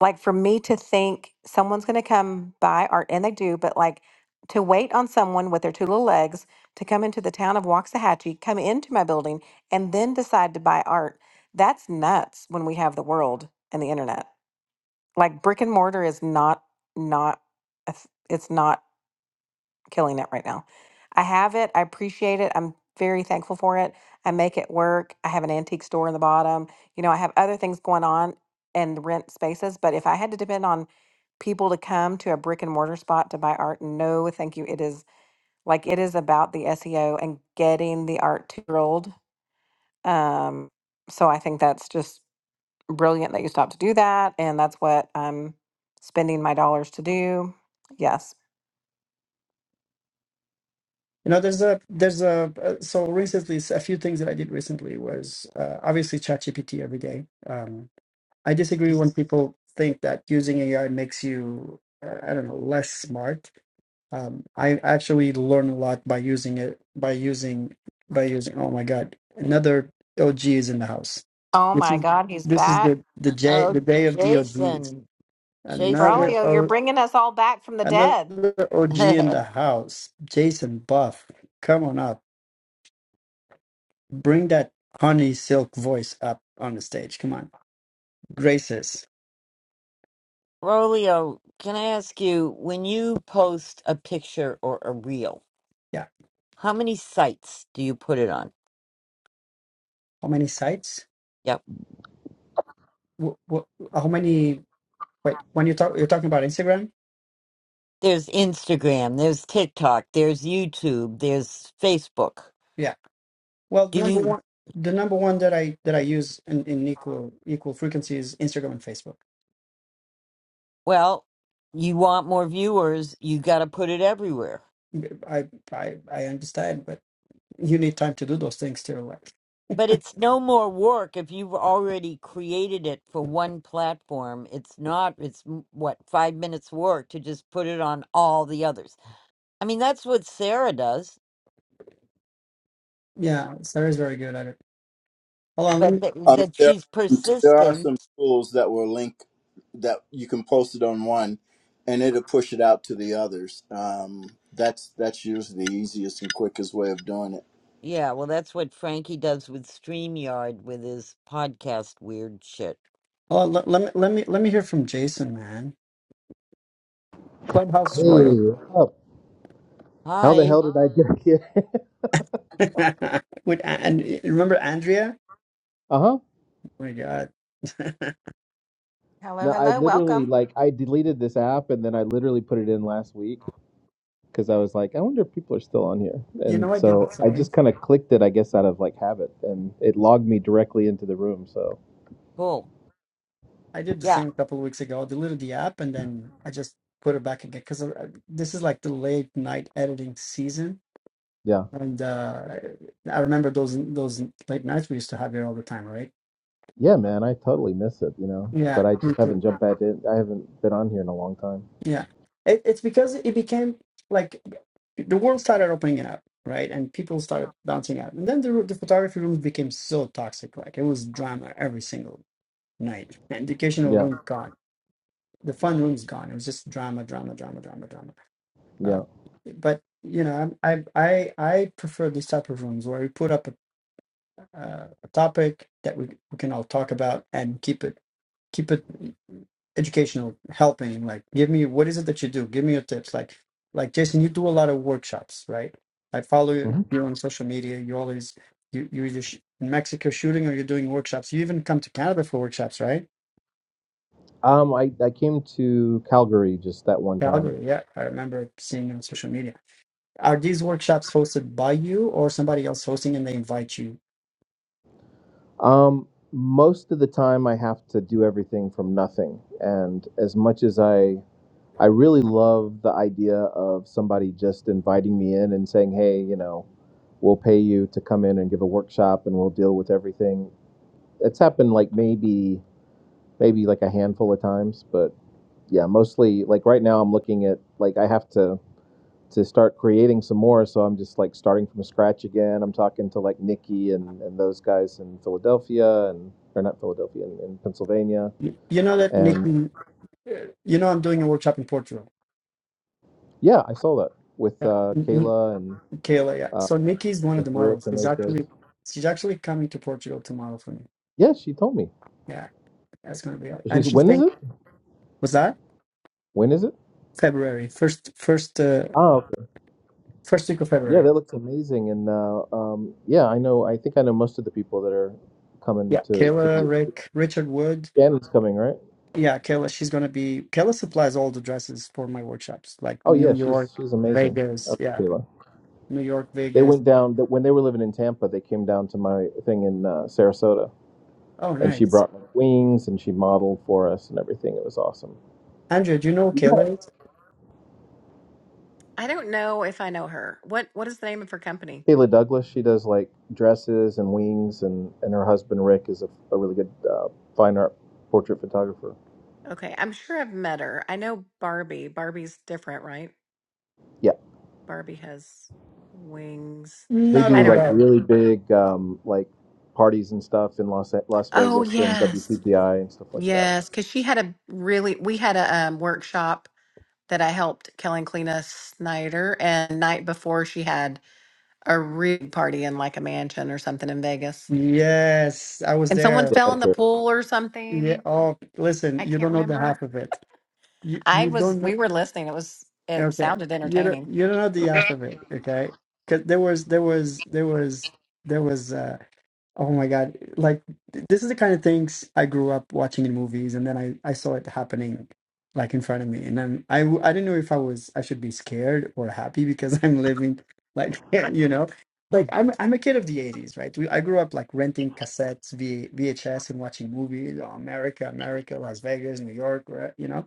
S4: like for me to think someone's going to come by or and they do but like to wait on someone with their two little legs to come into the town of waxahachie come into my building and then decide to buy art that's nuts when we have the world and the internet like brick and mortar is not not a th- it's not killing it right now. I have it. I appreciate it. I'm very thankful for it. I make it work. I have an antique store in the bottom. You know, I have other things going on and rent spaces. But if I had to depend on people to come to a brick and mortar spot to buy art, no, thank you. It is like it is about the SEO and getting the art to the world. Um, so I think that's just brilliant that you stopped to do that. And that's what I'm spending my dollars to do. Yes.
S1: You know, there's a there's a uh, so recently s- a few things that I did recently was uh, obviously ChatGPT every day. Um, I disagree when people think that using AI makes you, uh, I don't know, less smart. Um, I actually learn a lot by using it, by using, by using. Oh my God, another OG is in the house.
S4: Oh
S1: This
S4: my
S1: is
S4: God, he's
S1: this is
S4: back.
S1: the the day the
S5: Oh,
S1: day of the OGs.
S5: Jason,
S1: Another
S5: Jason.
S4: Braulio, you're
S1: o,
S4: bringing us all back from the
S1: another
S4: dead.
S1: OG in the house. Jason Buff, come on up. Bring that honey silk voice up on the stage. Come on, graces.
S5: Rolio, can I ask you, when you post a picture or a reel,
S1: Yeah.
S5: how many sites do you put it on?
S1: How many sites?
S5: Yep.
S1: wh- wh- how many wait when you talk you're talking about instagram
S5: There's Instagram, there's TikTok, there's YouTube, there's Facebook.
S1: yeah well
S5: Do
S1: number
S5: you,
S1: one the number one that i that i use in, in equal equal frequency is instagram and facebook
S5: well, you want more viewers, you got to put it everywhere.
S1: i i i understand but you need time to do those things too like
S5: But it's no more work if you've already created it for one platform. It's not, it's mm, what, five minutes work to just put it on all the others. I mean, that's what Sarah does.
S1: yeah sarah's very good at it hold on let
S5: but
S1: me
S5: that,
S2: I mean,
S5: that
S2: there
S5: she's
S2: there are
S5: persistent.
S2: some tools that will link that you can post it on one, and it'll push it out to the others. Um, that's that's usually the easiest and quickest way of doing it.
S5: Yeah, well, that's what Frankie does with StreamYard with his podcast weird shit.
S1: hold on, let, let me let me let me hear from jason man
S6: Hey,
S1: clubhouse royal
S6: what's up. How the
S5: Hi.
S6: hell did I get here?
S1: with and remember andrea
S6: Uh huh.
S1: oh my god
S4: Hello,
S6: No, I
S4: hello,
S6: literally
S4: welcome.
S6: like I deleted this app and then I literally put it in last week because I was like, I wonder if people are still on here.
S1: you
S6: And
S1: know i did the
S6: so I
S1: same
S6: just kind of clicked it, I guess, out of like habit, and it logged me directly into the room. So
S5: Cool.
S1: I did the
S5: Yeah.
S1: same a couple of weeks ago. I deleted the app and then I just put it back again because this is like the late night editing season,
S6: yeah,
S1: and uh, I remember those those late nights we used to have here all the time, right?
S6: yeah, man, I totally miss it, you know.
S1: Yeah,
S6: But I
S1: me
S6: just
S1: too.
S6: haven't jumped back in. I haven't been on here in a long time.
S1: Yeah, it, it's because it became like the world started opening up, right? And people started bouncing out, and then the the photography rooms became so toxic. Like it was drama every single night. The educational
S6: Yeah,
S1: room gone. The fun room's gone. It was just drama, drama, drama, drama, drama Uh,
S6: yeah.
S1: but you know, I I I prefer these type of rooms where we put up a, uh, a topic that we, we can all talk about and keep it keep it educational, helping. Like, give me what is it that you do? Give me your tips. Like, like Jason, you do a lot of workshops, right? I follow you,
S6: hmm
S1: you on social media. You always you you either sh- in Mexico shooting or you're doing workshops. You even come to Canada for workshops, right?
S6: Um, I I came to Calgary just that one time.
S1: Calgary, yeah, I remember seeing you on social media Are these workshops hosted by you or somebody else hosting and they invite you?
S6: Um, most of the time, I have to do everything from nothing. And as much as I, I really love the idea of somebody just inviting me in and saying, "Hey, you know, we'll pay you to come in and give a workshop, and we'll deal with everything." It's happened like maybe, maybe like a handful of times, but yeah, mostly like right now, I'm looking at like I have to to start creating some more. So I'm just like starting from scratch again. I'm talking to like Nikki and, and those guys in Philadelphia and or not Philadelphia in, in Pennsylvania.
S1: You you know that
S6: And
S1: Nikki, uh, you know I'm doing a workshop in Portugal.
S6: yeah, I saw that with
S1: Yeah,
S6: uh,
S1: N- N-
S6: Kayla and
S1: Kayla, yeah.
S6: uh,
S1: So Nikki is one of
S6: with
S1: the
S6: Rick
S1: models.
S6: and
S1: She's
S6: those guys.
S1: actually she's actually coming to Portugal to model for me.
S6: Yeah, she told me.
S1: Yeah, that's gonna be. And
S6: She's
S1: she's
S6: when is
S1: saying,
S6: it?
S1: was that
S6: When is it?
S1: February first first uh,
S6: Oh, okay.
S1: first week of
S6: yeah,
S1: February?
S6: that looks amazing. And uh, um, yeah, I know. I think I know most of the people that are coming
S1: Yeah,
S6: to to
S1: Kayla,
S6: do.
S1: Rick, Richard Wood.
S6: Shannon's coming, right?
S1: Yeah, Kayla, she's gonna be. Kayla supplies all the dresses for my workshops, like
S6: Oh yeah,
S1: New
S6: she's
S1: York,
S6: she's amazing.
S1: Vegas.
S6: Oh,
S1: Yeah,
S6: Kayla.
S1: New York,
S6: They
S1: Vegas.
S6: went down that when they were living in Tampa. They came down to my thing in uh, Sarasota,
S1: Oh,
S6: and she
S1: nice.
S6: brought me wings and she modeled for us and everything. It was awesome.
S1: Andrea, do you know
S6: Yeah,
S1: Killers?
S4: I don't know if I know her. What what is the name of her company?
S6: Kayla Douglas. She does like dresses and wings, and and her husband Rick is a, a really good uh, fine art portrait photographer.
S4: Okay, I'm sure I've met her. I know Barbie. Barbie's different, right?
S6: Yeah,
S4: Barbie has wings.
S6: they
S1: Not
S6: do
S4: I
S1: only
S4: don't
S6: like
S1: that.
S4: know.
S6: really big um, like parties and stuff in Las Las
S4: Oh
S6: Vegas during
S4: yes.
S6: WPPI and stuff like that.
S4: Yes, cuz she had a really we had a um, workshop that I helped Kelly and Snyder and night before she had a real party in like a mansion or something in Vegas.
S1: Yes, I was
S4: And someone
S1: there.
S6: Yeah,
S4: fell in
S6: that's
S4: the
S6: it.
S4: pool or
S1: Yeah.
S4: something.
S1: Oh, listen,
S4: I
S1: you
S4: can't
S1: don't know the half
S4: remember.
S1: of it. You
S4: I
S1: you
S4: was,
S1: don't know.
S4: we were listening. It was, it
S1: Okay,
S4: sounded
S1: you don't
S4: entertaining.
S1: you don't know the half of it. Okay, because there was there was there was there was. uh, Oh my God. Like th- this is the kind of things I grew up watching in movies and then I, I saw it happening like in front of me. And then I, w- I didn't know if I was, I should be scared or happy because I'm living like, you know,
S5: Hmm.
S1: like I'm, I'm a kid of the 80s, right? We, I grew up like renting cassettes, v, VHS and watching movies, oh, America, America, Las Vegas, New York, right? You know?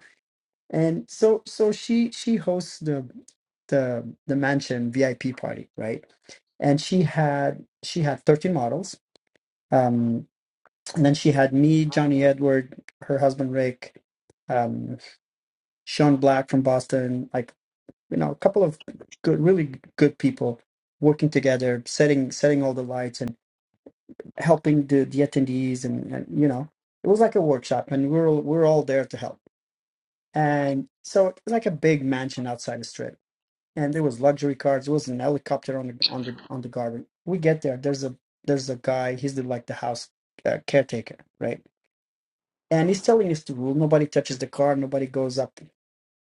S1: And so, so she, she hosts the, the, the mansion VIP party, right? And she had, she had 13 models um, and then she had me, Johnny Edward, her husband Rick, um, Sean Black from Boston, like you know, a couple of good, really good people working together, setting setting all the lights and helping the, the attendees, and, and you know, it was like a workshop, and we are all we are all there to help. And so it was like a big mansion outside the strip, and there was luxury cars. There was an helicopter on the on the on the garden. We get there, there's a there's a guy. He's the like the house uh, caretaker, right? and he's telling us the rule nobody touches the car nobody goes up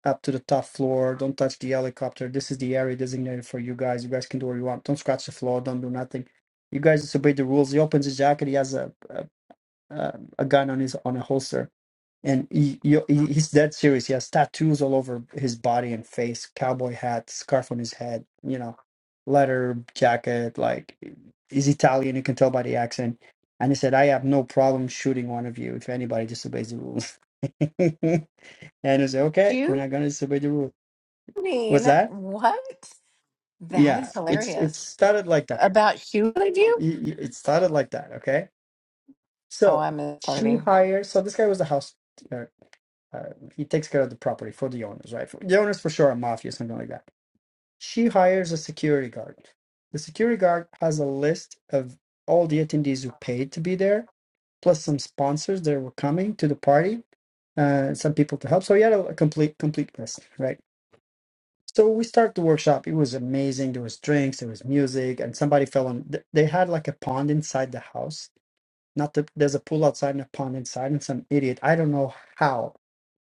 S1: up to the top floor don't touch the helicopter this is the area designated for you guys you guys can do what you want don't scratch the floor don't do nothing you guys disobey the rules he opens his jacket he has a a, a a gun on his on a holster and he, you- he's dead serious. He has tattoos all over his body and face, cowboy hat, scarf on his head, you know, leather jacket. Like he's Italian, you can tell by the accent. And he said, "I have no problem shooting one of you if anybody disobeys the rules." and I said, "Okay, we're
S4: Shooting,
S1: not gonna disobey the rule." What's that?
S4: what? That
S1: Yeah,
S4: is
S1: it's it
S4: hilarious.
S1: started like that.
S4: About shooting you?
S1: It it started like that. Okay,
S4: Oh,
S1: so
S4: I miss
S1: she
S4: party.
S1: hired. So this guy was the house. uh, uh, he takes care of the property for the owners, right? For- the owners for sure are mafia, something like that. She hires a security guard. The security guard has a list of all the attendees who paid to be there, plus some sponsors that were coming to the party, uh, some people to help. So he had a, a complete complete list, right? So we start the workshop. It was amazing. There was drinks, there was music, and somebody fell on. th- They had like a pond inside the house not that there's a pool outside and a pond inside, and some idiot, I don't know how,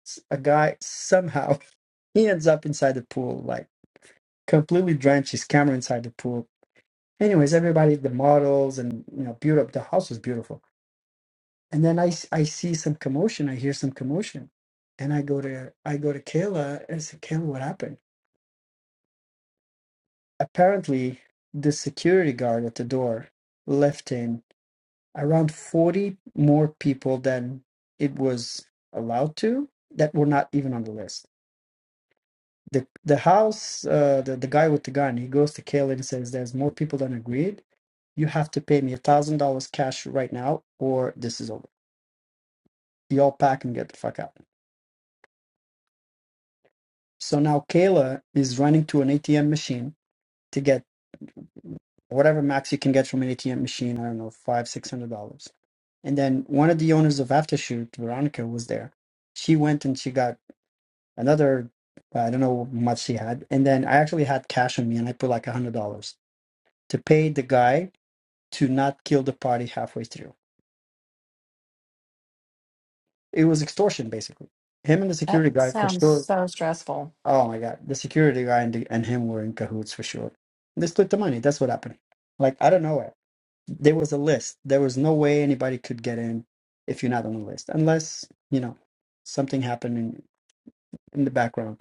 S1: s- a guy somehow he ends up inside the pool, like completely drenched, his camera inside the pool. Anyways, everybody, the models and you know, beautiful. The house was beautiful. And then I, s- I see some commotion. I hear some commotion, and I go to I go to Kayla and I say, Kayla, what happened? Apparently, the security guard at the door left him around 40 more people than it was allowed to that were not even on the list. The the house, uh, the, the guy with the gun, he goes to Kayla and says, There's more people than agreed. You have to pay me a thousand dollars cash right now, or this is over. Y'all pack and get the fuck out. So now Kayla is running to an ATM machine to get whatever max you can get from an ATM machine, I don't know, five, six hundred dollars. And then one of the owners of Aftershoot, Veronica, was there. She went and she got another uh, I don't know how much he had, and then I actually had cash on me, and I put like a hundred dollars to pay the guy to not kill the party halfway through. It was extortion, basically. Him and the
S4: That
S1: security guy for
S4: sounds
S1: sure.
S4: so stressful.
S1: Oh my god, the security guy and, the, and him were in cahoots for sure. They split the money. That's what happened. Like I don't know it. There was a list. There was no way anybody could get in if you're not on the list, unless you know something happened in, in the background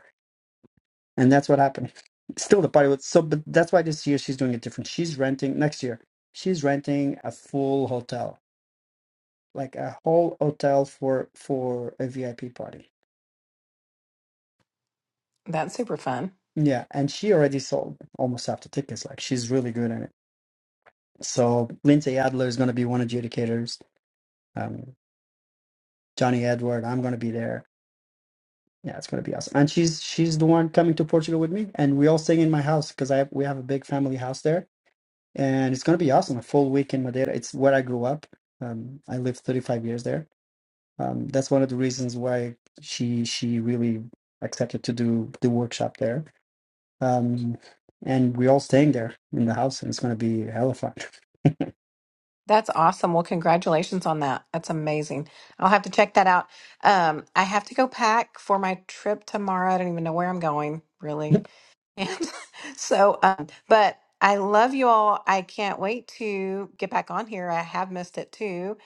S1: And that's what happened. Still the party was so, but that's why this year she's doing it different. She's renting next year. She's renting a full hotel, like a whole hotel for for a VIP party.
S4: That's super fun.
S1: Yeah, and she already sold almost half the tickets. Like she's really good at it. So Lindsay Adler is going to be one adjudicators. Um, Johnny Edward, I'm going to be there. Yeah, it's going to be awesome. And she's she's the one coming to Portugal with me, and we all sing in my house because I have, we have a big family house there and it's going to be awesome. A full week in Madeira. It's where I grew up. Um, I lived 35 years there. Um, that's one of the reasons why she she really accepted to do the workshop there. Um, and we're all staying there in the house, and it's going to be hella fun.
S4: That's awesome. Well, congratulations on that. That's amazing. I'll have to check that out. Um, I have to go pack for my trip tomorrow. I don't even know where I'm going, really. And so, um, but I love you all. I can't wait to get back on here. I have missed it too.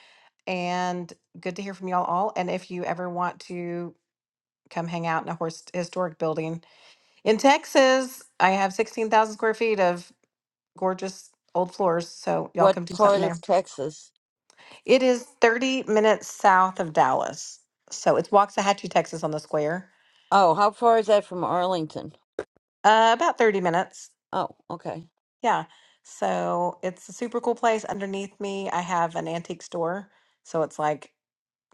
S4: And good to hear from y'all all. And if you ever want to come hang out in a horse historic building in Texas, I have 16,000 square feet of gorgeous old floors. So y'all
S5: What
S4: come do
S5: part
S4: something there.
S5: of Texas?
S4: It is 30 minutes south of Dallas. So it's Waxahachie, Texas on the square.
S5: Oh, how far is that from Arlington?
S4: Uh, about 30 minutes.
S5: Oh, okay.
S4: Yeah. So it's a super cool place. Underneath me, I have an antique store. So it's like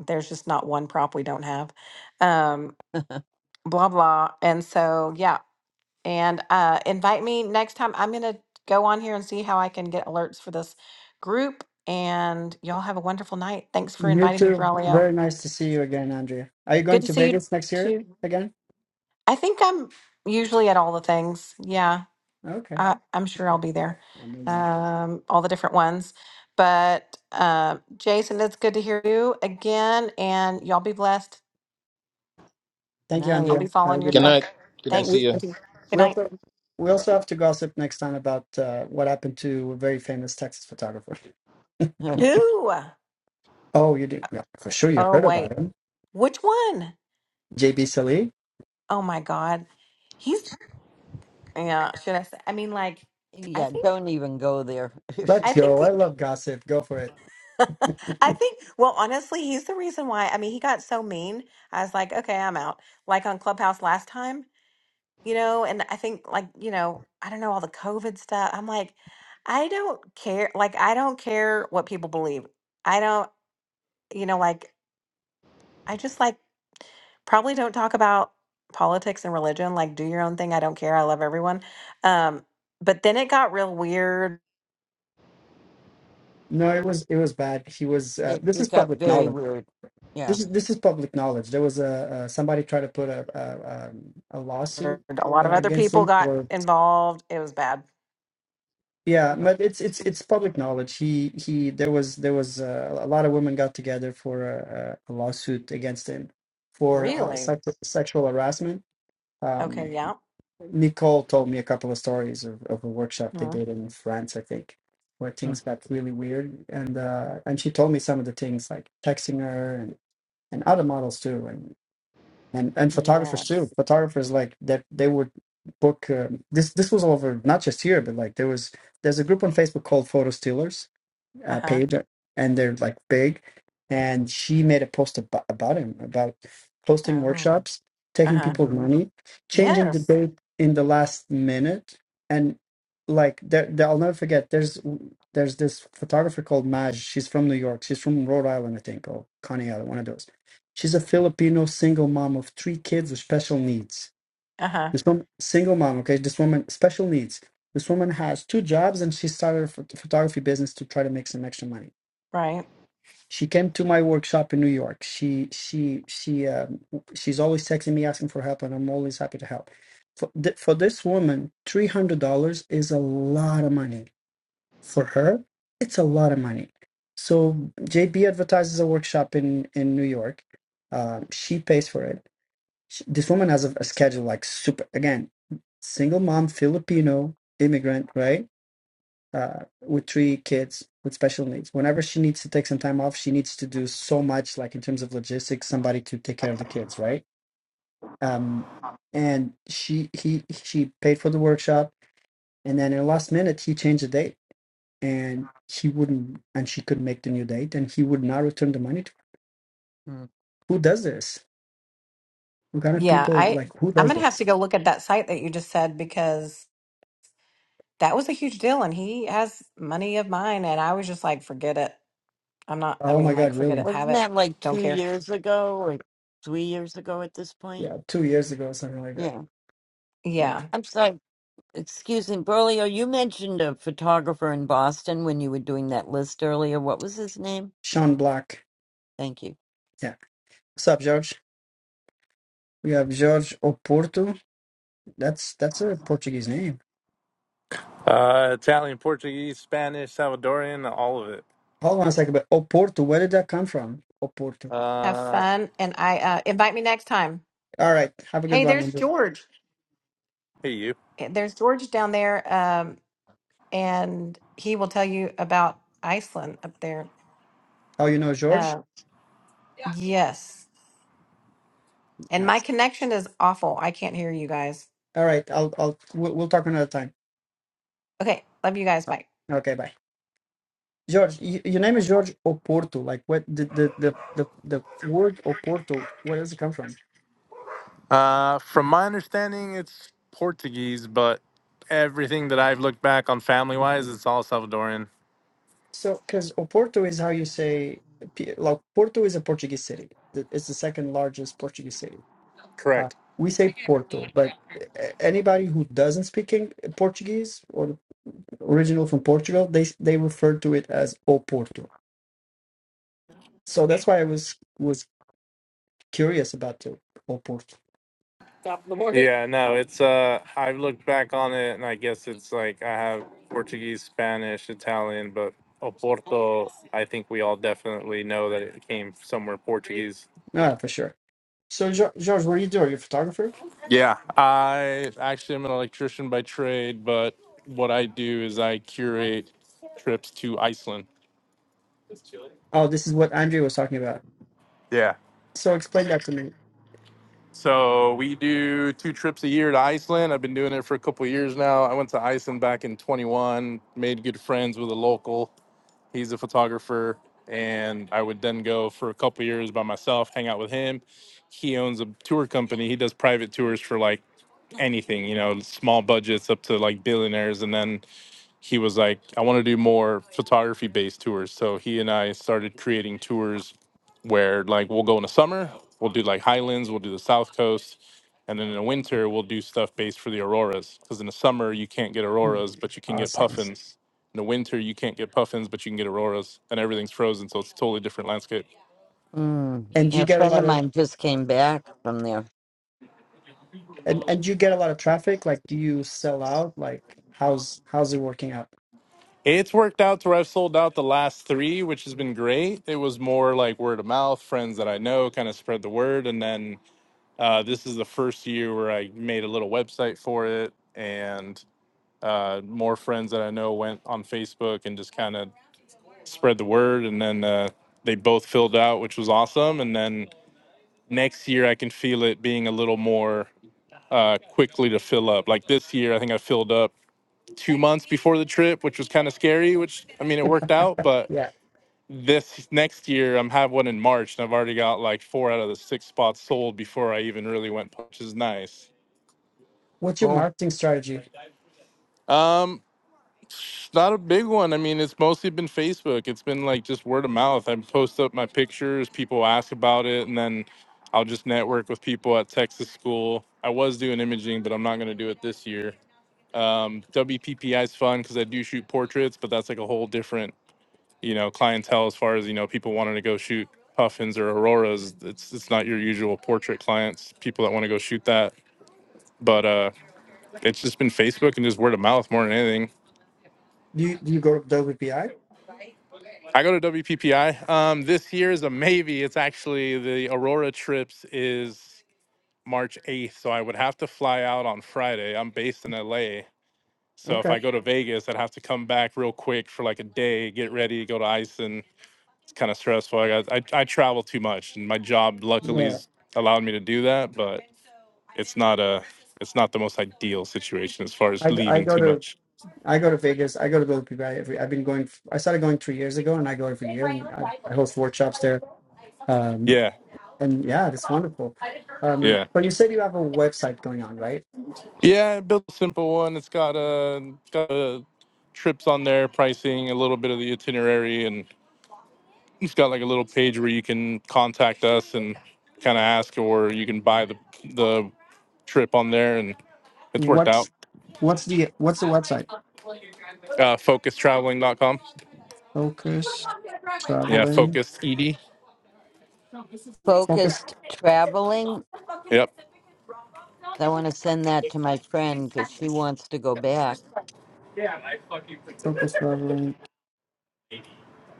S4: there's just not one prop we don't have. Um, blah, blah. And so, yeah. And uh, invite me next time. I'm going to go on here and see how I can get alerts for this group. And y'all have a wonderful night. Thanks for
S1: you
S4: inviting me,
S1: too.
S4: Braulio.
S1: Very nice to see you again, Andrea. Are you going
S4: Good to
S1: to
S4: see you
S1: Vegas next year
S4: too.
S1: again?
S4: I think I'm usually at all the things. Yeah,
S1: Okay.
S4: I, I'm sure I'll
S1: Okay.
S4: be there,
S1: Amazing.
S4: um, all the different ones. But uh, Jason, it's good to hear you again, and y'all be blessed.
S1: Thank you,
S4: I'll
S5: Nice.
S1: Andrea.
S4: be
S1: Have a
S4: following your
S1: good
S6: Good
S1: night.
S4: stuff.
S6: night. Good to
S1: That
S6: see
S1: we,
S4: Thanks.
S6: you.
S4: You too. Good
S1: we
S4: night.
S1: also we also have to gossip next time about uh, what happened to a very famous Texas photographer.
S5: yeah,
S4: Who?
S1: Oh, you did? Yeah, for sure, you
S4: Oh
S1: heard about
S4: wait,
S1: him,
S4: which one?
S1: JB Salee.
S4: Oh my God, he's yeah. Should I say? I mean, like, I think
S5: don't even go there.
S1: Let's
S4: I think.
S1: go. I love gossip. Go for it.
S4: I think, well, honestly, he's the reason why. I mean, he got so mean. I was like, okay, I'm out. Like on Clubhouse last time, you know, and I think, like, you know, I don't know, all the COVID stuff. I'm like, I don't care. Like, I don't care what people believe. I don't, you know, like, I just like probably don't talk about politics and religion. Like, do your own thing. I don't care. I love everyone. Um, but then it got real weird.
S1: No, it was it was bad. He was. Uh,
S5: it,
S1: this is
S5: it got
S1: public
S5: very
S1: knowledge.
S5: weird. Yeah.
S1: This is this is public knowledge. There was a uh, somebody tried to put a a, um, a lawsuit
S4: A lot of
S1: uh,
S4: other
S1: against
S4: people
S1: him
S4: got
S1: for
S4: involved. It was bad.
S1: Yeah, but it's it's it's public knowledge. He he. There was there was uh, a lot of women got together for a, a lawsuit against him for uh,
S4: Really?
S1: sex, sexual harassment. Um,
S4: Okay, yeah.
S1: Nicole told me a couple of stories of, of a workshop they
S4: hmm
S1: did in France, I think, where
S5: Hmm.
S1: things got really weird. And uh, and she told me some of the things like texting her and, and other models too and and photographers too.
S4: Yes.
S1: Photographers like that they would book. Uh, this this was over not just here, but like there was there's a group on Facebook called Photo Stealers, uh,
S4: Uh-huh.
S1: page, and they're like big. And she made a post about, about him, about hosting
S4: Oh.
S1: workshops, taking
S4: Uh-huh.
S1: people's
S5: Mm-hmm.
S1: money, changing the
S4: Yes.
S1: date in the last minute, and like there, there, I'll never forget. There's there's this photographer called Maj. She's from New York. She's from Rhode Island, I think, or Coney Island, one of those. She's a Filipino single mom of three kids with special needs
S4: Uh-huh.
S1: this woman, single mom, okay? This woman, special needs. This woman has two jobs and she started a phot- photography business to try to make some extra money.
S4: Right.
S1: She came to my workshop in New York. She she she um, she's always texting me asking for help and I'm always happy to help. For, th- for this woman, $300 is a lot of money. For her, it's a lot of money. So JB advertises a workshop in in New York. Um, she pays for it Sh- This woman has a, a schedule like super, again, single mom, Filipino immigrant, right? Uh, with three kids with special needs. Whenever she needs to take some time off, she needs to do so much, like in terms of logistics, somebody to take care of the kids, right? Um, and she he she paid for the workshop, and then in the last minute he changed the date, and he wouldn't, and she couldn't make the new date, and he would not return the money. To, her.
S5: Hmm.
S1: who does this? What kind of
S4: Yeah,
S1: people
S4: I
S1: like who
S4: I'm
S1: does
S4: gonna have
S1: this?
S4: to go look at that site that you just said because that was a huge deal and he has money of mine and I was just like, forget it. I'm not I
S1: Oh my
S4: mean like
S1: God,
S4: forget
S1: really?
S4: it, have
S5: Wasn't
S4: it.
S5: that like
S4: Don't
S5: two
S4: care.
S5: years ago or three years ago at this point?
S1: yeah, two years ago, something like that.
S5: Yeah.
S1: Yeah,
S4: Yeah.
S5: I'm sorry. Excuse me, Berlio, you mentioned a photographer in Boston when you were doing that list earlier. What was his name?
S1: Sean Black.
S5: Thank you.
S1: Yeah, what's up, George? We have George Oporto. That's that's a Portuguese name.
S7: Uh, Italian, Portuguese, Spanish, Salvadorian, all of it.
S1: Hold on a second, but Oporto, where did that come from? Oporto.
S4: Have
S7: Uh,
S4: fun and I uh invite me next time.
S1: All right, have a good
S4: Hey,
S1: one.
S4: there's
S1: Andrew.
S4: George.
S7: hey, you.
S4: Eh, There's George down there um and he will tell you about Iceland up there.
S1: How you know George?
S4: Uh yes. And my
S1: Nice.
S4: connection is awful. I can't hear you guys.
S1: All right, I'll I'll we'll, we'll talk another time.
S4: Okay. Love you guys.
S1: Uh,
S4: Bye.
S1: Okay, bye. George, y your name is George Oporto. Like, what the the the the, the word Oporto? Where does it come from?
S7: Uh, from my understanding, it's Portuguese, but everything that I've looked back on family wise, it's all Salvadorian.
S1: So, because Oporto is how you say, P- like Porto is a Portuguese city. The- It's the second largest Portuguese city. Uh,
S7: Correct.
S1: we say Porto, but a- anybody who doesn't speak Eng- Portuguese or original from Portugal, they they refer to it as Oporto. So that's why I was was curious about the Oporto.
S7: Okay. Yeah, no, it's, uh, I've looked back on it and I guess it's like I have Portuguese, Spanish, Italian, but Oporto, I think we all definitely know that it came somewhere Portuguese.
S1: Ah, for sure. So, Jo- George, what do you do? Are you a photographer?
S7: Yeah, I actually am an electrician by trade, but what I do is I curate trips to Iceland.
S1: Oh, this is what Andre was talking about.
S7: Yeah.
S1: So explain that to me.
S7: So we do two trips a year to Iceland. I've been doing it for a couple of years now. I went to Iceland back in 21, made good friends with a local. He's a photographer, and I would then go for a couple of years by myself, hang out with him. He owns a tour company. He does private tours for like anything, you know, small budgets up to like billionaires, and then he was like, I want to do more photography based tours. So he and I started creating tours where like we'll go in the summer, we'll do like highlands, we'll do the south coast, and then in the winter we'll do stuff based for the auroras. Because in the summer you can't get
S1: Hmm.
S7: auroras, but you can get
S1: Awesome.
S7: puffins. In the winter you can't get puffins, but you can get auroras, and everything's frozen, so it's a totally different landscape.
S5: Mm.
S1: And
S5: Yeah,
S1: you
S5: a
S1: get a
S5: friend of
S1: lot of
S5: mine just came back from there.
S1: And and you get a lot of traffic? Like, do you sell out? Like, how's how's it working out?
S7: It's worked out to where I've sold out the last three, which has been great. It was more like word of mouth, friends that I know kind of spread the word, and then Uh, this is the first year where I made a little website for it, and uh, more friends that I know went on Facebook and just kind of spread the word. And then uh, they both filled out, which was awesome. And then next year, I can feel it being a little more uh, quickly to fill up. Like this year, I think I filled up two months before the trip, which was kind of scary, which I mean, it worked out. But
S1: Yeah.
S7: this next year, I'm have one in March, and I've already got like four out of the six spots sold before I even really went, which is nice.
S1: What's your
S5: Cool.
S1: marketing strategy?
S7: Um, not a big one. I mean, it's mostly been Facebook. It's been like just word of mouth. I post up my pictures, people ask about it, and then I'll just network with people at Texas school. I was doing imaging, but I'm not going to do it this year. Um, WPPI is fun because I do shoot portraits, but that's like a whole different, you know, clientele as far as you know, people wanting to go shoot puffins or auroras. It's it's not your usual portrait clients. People that want to go shoot that, but uh, it's just been Facebook and just word of mouth more than anything.
S1: Do you do you go to WPI?
S7: I go to WPPI. Um, this year is a maybe. It's actually the Aurora trips is March 8th, so I would have to fly out on Friday. I'm based in LA, so if
S1: Okay.
S7: I go to Vegas, I'd have to come back real quick for like a day, get ready, go to Iceland. It's kind of stressful. I, got, I I travel too much, and my job luckily's
S1: Yeah.
S7: allowed me to do that, but it's not a it's not the most ideal situation as far as
S1: I I
S7: leaving
S1: go
S7: too
S1: to
S7: much.
S1: I go to Vegas. I go to WPI every. I've been going. I started going three years ago, and I go every year, and I, I host workshops there. Um,
S7: Yeah,
S1: and yeah, it's wonderful. Um,
S7: yeah.
S1: but you said you have a website going on, right?
S7: Yeah, I built a simple one. It's got uh, it's got uh, trips on there, pricing, a little bit of the itinerary, and it's got like a little page where you can contact us and kind of ask, or you can buy the the trip on there, and it's worked out.
S1: What's what's the what's the website?
S7: Uh, FocusTraveling.com.
S1: Focus
S5: Uh,
S7: Yeah,
S1: traveling.
S7: Focus ED.
S1: Focus
S5: Focused traveling.
S7: Yep.
S5: I want to send that to my friend because she wants to go back.
S1: focus traveling.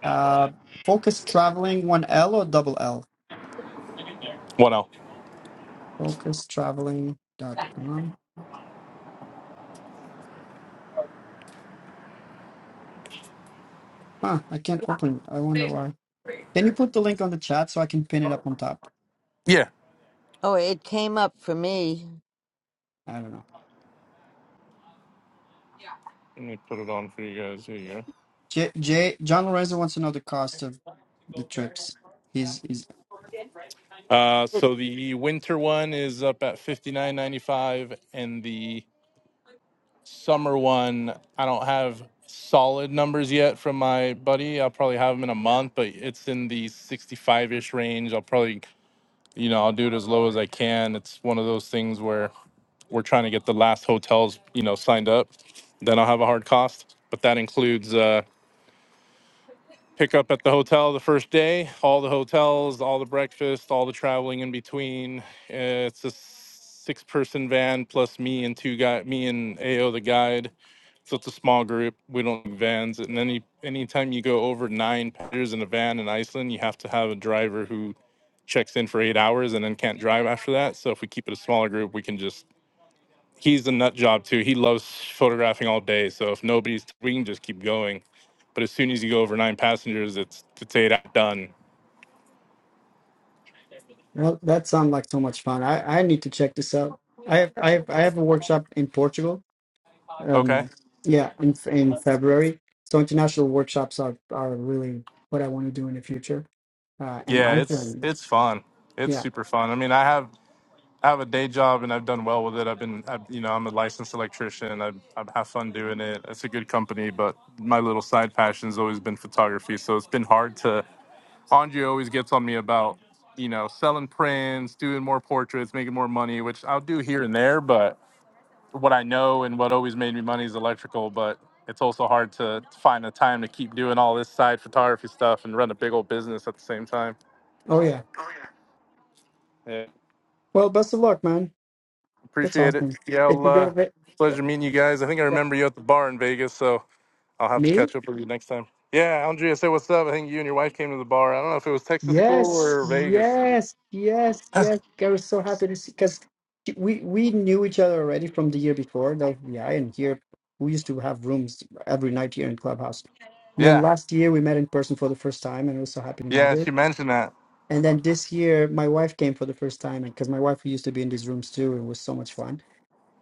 S1: Uh, Focus Traveling, one L or double L?
S7: One L.
S1: focus traveling dot com. Huh, I can't open it. I wonder why. Can you put the link on the chat so I can pin it up on top?
S7: Yeah.
S5: Oh, it came up for me.
S1: I don't know.
S7: Let me put it on for you guys. Here you go.
S1: J, J John Lorenzo wants to know the cost of the trips. He's, he's
S7: Uh,
S5: It,
S7: so the winter one is up at fifty nine ninety five, and the summer one I don't have solid numbers yet from my buddy. I'll probably have them in a month, but it's in the sixty five ish range. I'll probably, you know, I'll do it as low as I can. It's one of those things where we're trying to get the last hotels, you know, signed up. Then I'll have a hard cost, but that includes uh, pick up at the hotel the first day, all the hotels, all the breakfast, all the traveling in between. Uh, It's a six person van plus me and two guy me and AO the guide. So it's a small group. We don't have vans. And any anytime you go over nine passengers in a van in Iceland, you have to have a driver who checks in for eight hours and then can't drive after that. So if we keep it a smaller group, we can just he's a nut job too. He loves photographing all day. So if nobody's, we can just keep going. But as soon as you go over nine passengers, it's it's eight out done.
S1: well, that sounds like so much fun. I, I need to check this out. I have, I have, I have a workshop in Portugal.
S7: Okay.
S1: Um, yeah, in in February. So international workshops are are really what I want to do in the future. Uh, and
S7: Yeah, it's
S1: Iceland.
S7: it's fun.
S1: Yeah,
S7: It's super fun. I mean, I have I have a day job and I've done well with it. I've been, I've, you know, I'm a licensed electrician. I I have fun doing it. It's a good company, but my little side passion's always been photography. So it's been hard to. Andre always gets on me about, you know, selling prints, doing more portraits, making more money, which I'll do here and there, but what I know and what always made me money is electrical, but it's also hard to find the time to keep doing all this side photography stuff and run a big old business at the same time.
S1: Oh yeah.
S7: Yeah.
S1: Well, best of luck, man. That's
S7: Appreciate it.
S1: awesome.
S7: Yeah,
S1: If
S7: I'll,
S1: you go to
S7: uh,
S1: Ve- yeah.
S7: pleasure meeting you guys. I think I
S1: yeah.
S7: remember you at the bar in Vegas, so I'll have to
S1: me,
S7: catch up with you next time. Yeah, Andrea, say what's up. I think you and your wife came to the bar. I don't know if it was Texas school
S1: yes,
S7: or Vegas.
S1: yes, yes, yes. I was so happy to see because we we knew each other already from the year before the LVI, and here we used to have rooms every night here in Clubhouse. And then
S7: yeah,
S1: last year we met in person for the first time, and I was so happy to meet
S7: yeah,
S1: her.
S7: she mentioned that.
S1: And then this year my wife came for the first time, and because my wife used to be in these rooms too, it was so much fun.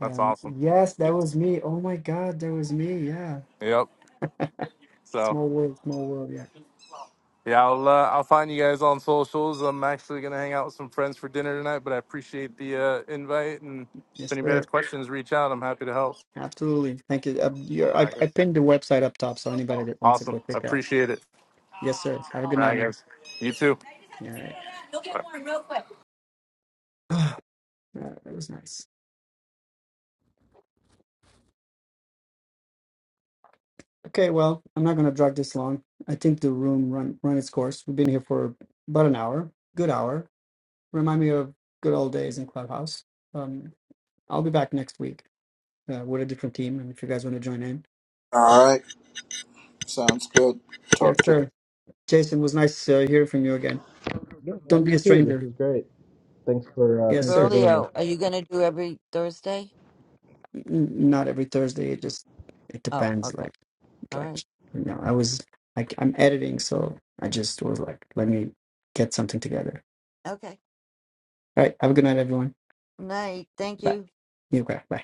S7: That's
S1: Um,
S7: awesome.
S1: yes, that was me. Oh my God, that was me. Yeah.
S7: Yep. So.
S1: Small world, small world. Yeah.
S7: Yeah, I'll uh, I'll find you guys on socials. I'm actually gonna hang out with some friends for dinner tonight, but I appreciate the uh, invite. And if
S1: Yes,
S7: anybody has
S1: sir.
S7: questions, reach out. I'm happy to help.
S1: Absolutely. Thank you. Uh,
S7: All
S1: you're, I,
S7: right,
S1: I
S7: guys.
S1: pinned the website up top, so anybody that wants to
S7: Awesome.
S1: go check out.
S7: Appreciate it.
S1: Yes, sir. Have a
S7: All
S1: good night,
S7: right,
S1: man.
S7: guys. You too.
S1: Yeah, all right. Ah, that that was nice. Okay, well, I'm not going to drag this long. I think the room run run its course. We've been here for about an hour, good hour. Remind me of good old days in Clubhouse. Um, I'll be back next week uh, with a different team, and if you guys want to join in. um,
S2: All right. Sounds good. Talk
S1: Yes,
S2: to
S1: sir. Jason, it was nice to hear from you again.
S6: Yeah,
S1: Don't
S6: and
S1: be
S6: you
S1: a
S6: too. This
S1: stranger.
S6: is great. Thanks for uh,
S1: Yes,
S6: thanks
S1: sir.
S6: for doing this.
S5: Berlio, are you going to do every Thursday?
S1: n- not every Thursday. It just it
S5: Oh,
S1: depends.
S5: okay.
S1: Like
S5: All
S1: like
S5: right.
S1: you know, I was like I'm editing, so I just was like, let me get something together.
S5: Okay.
S1: All right. Have a good night, everyone.
S5: Night. Thank
S1: Bye.
S5: you.
S1: You okay? Bye.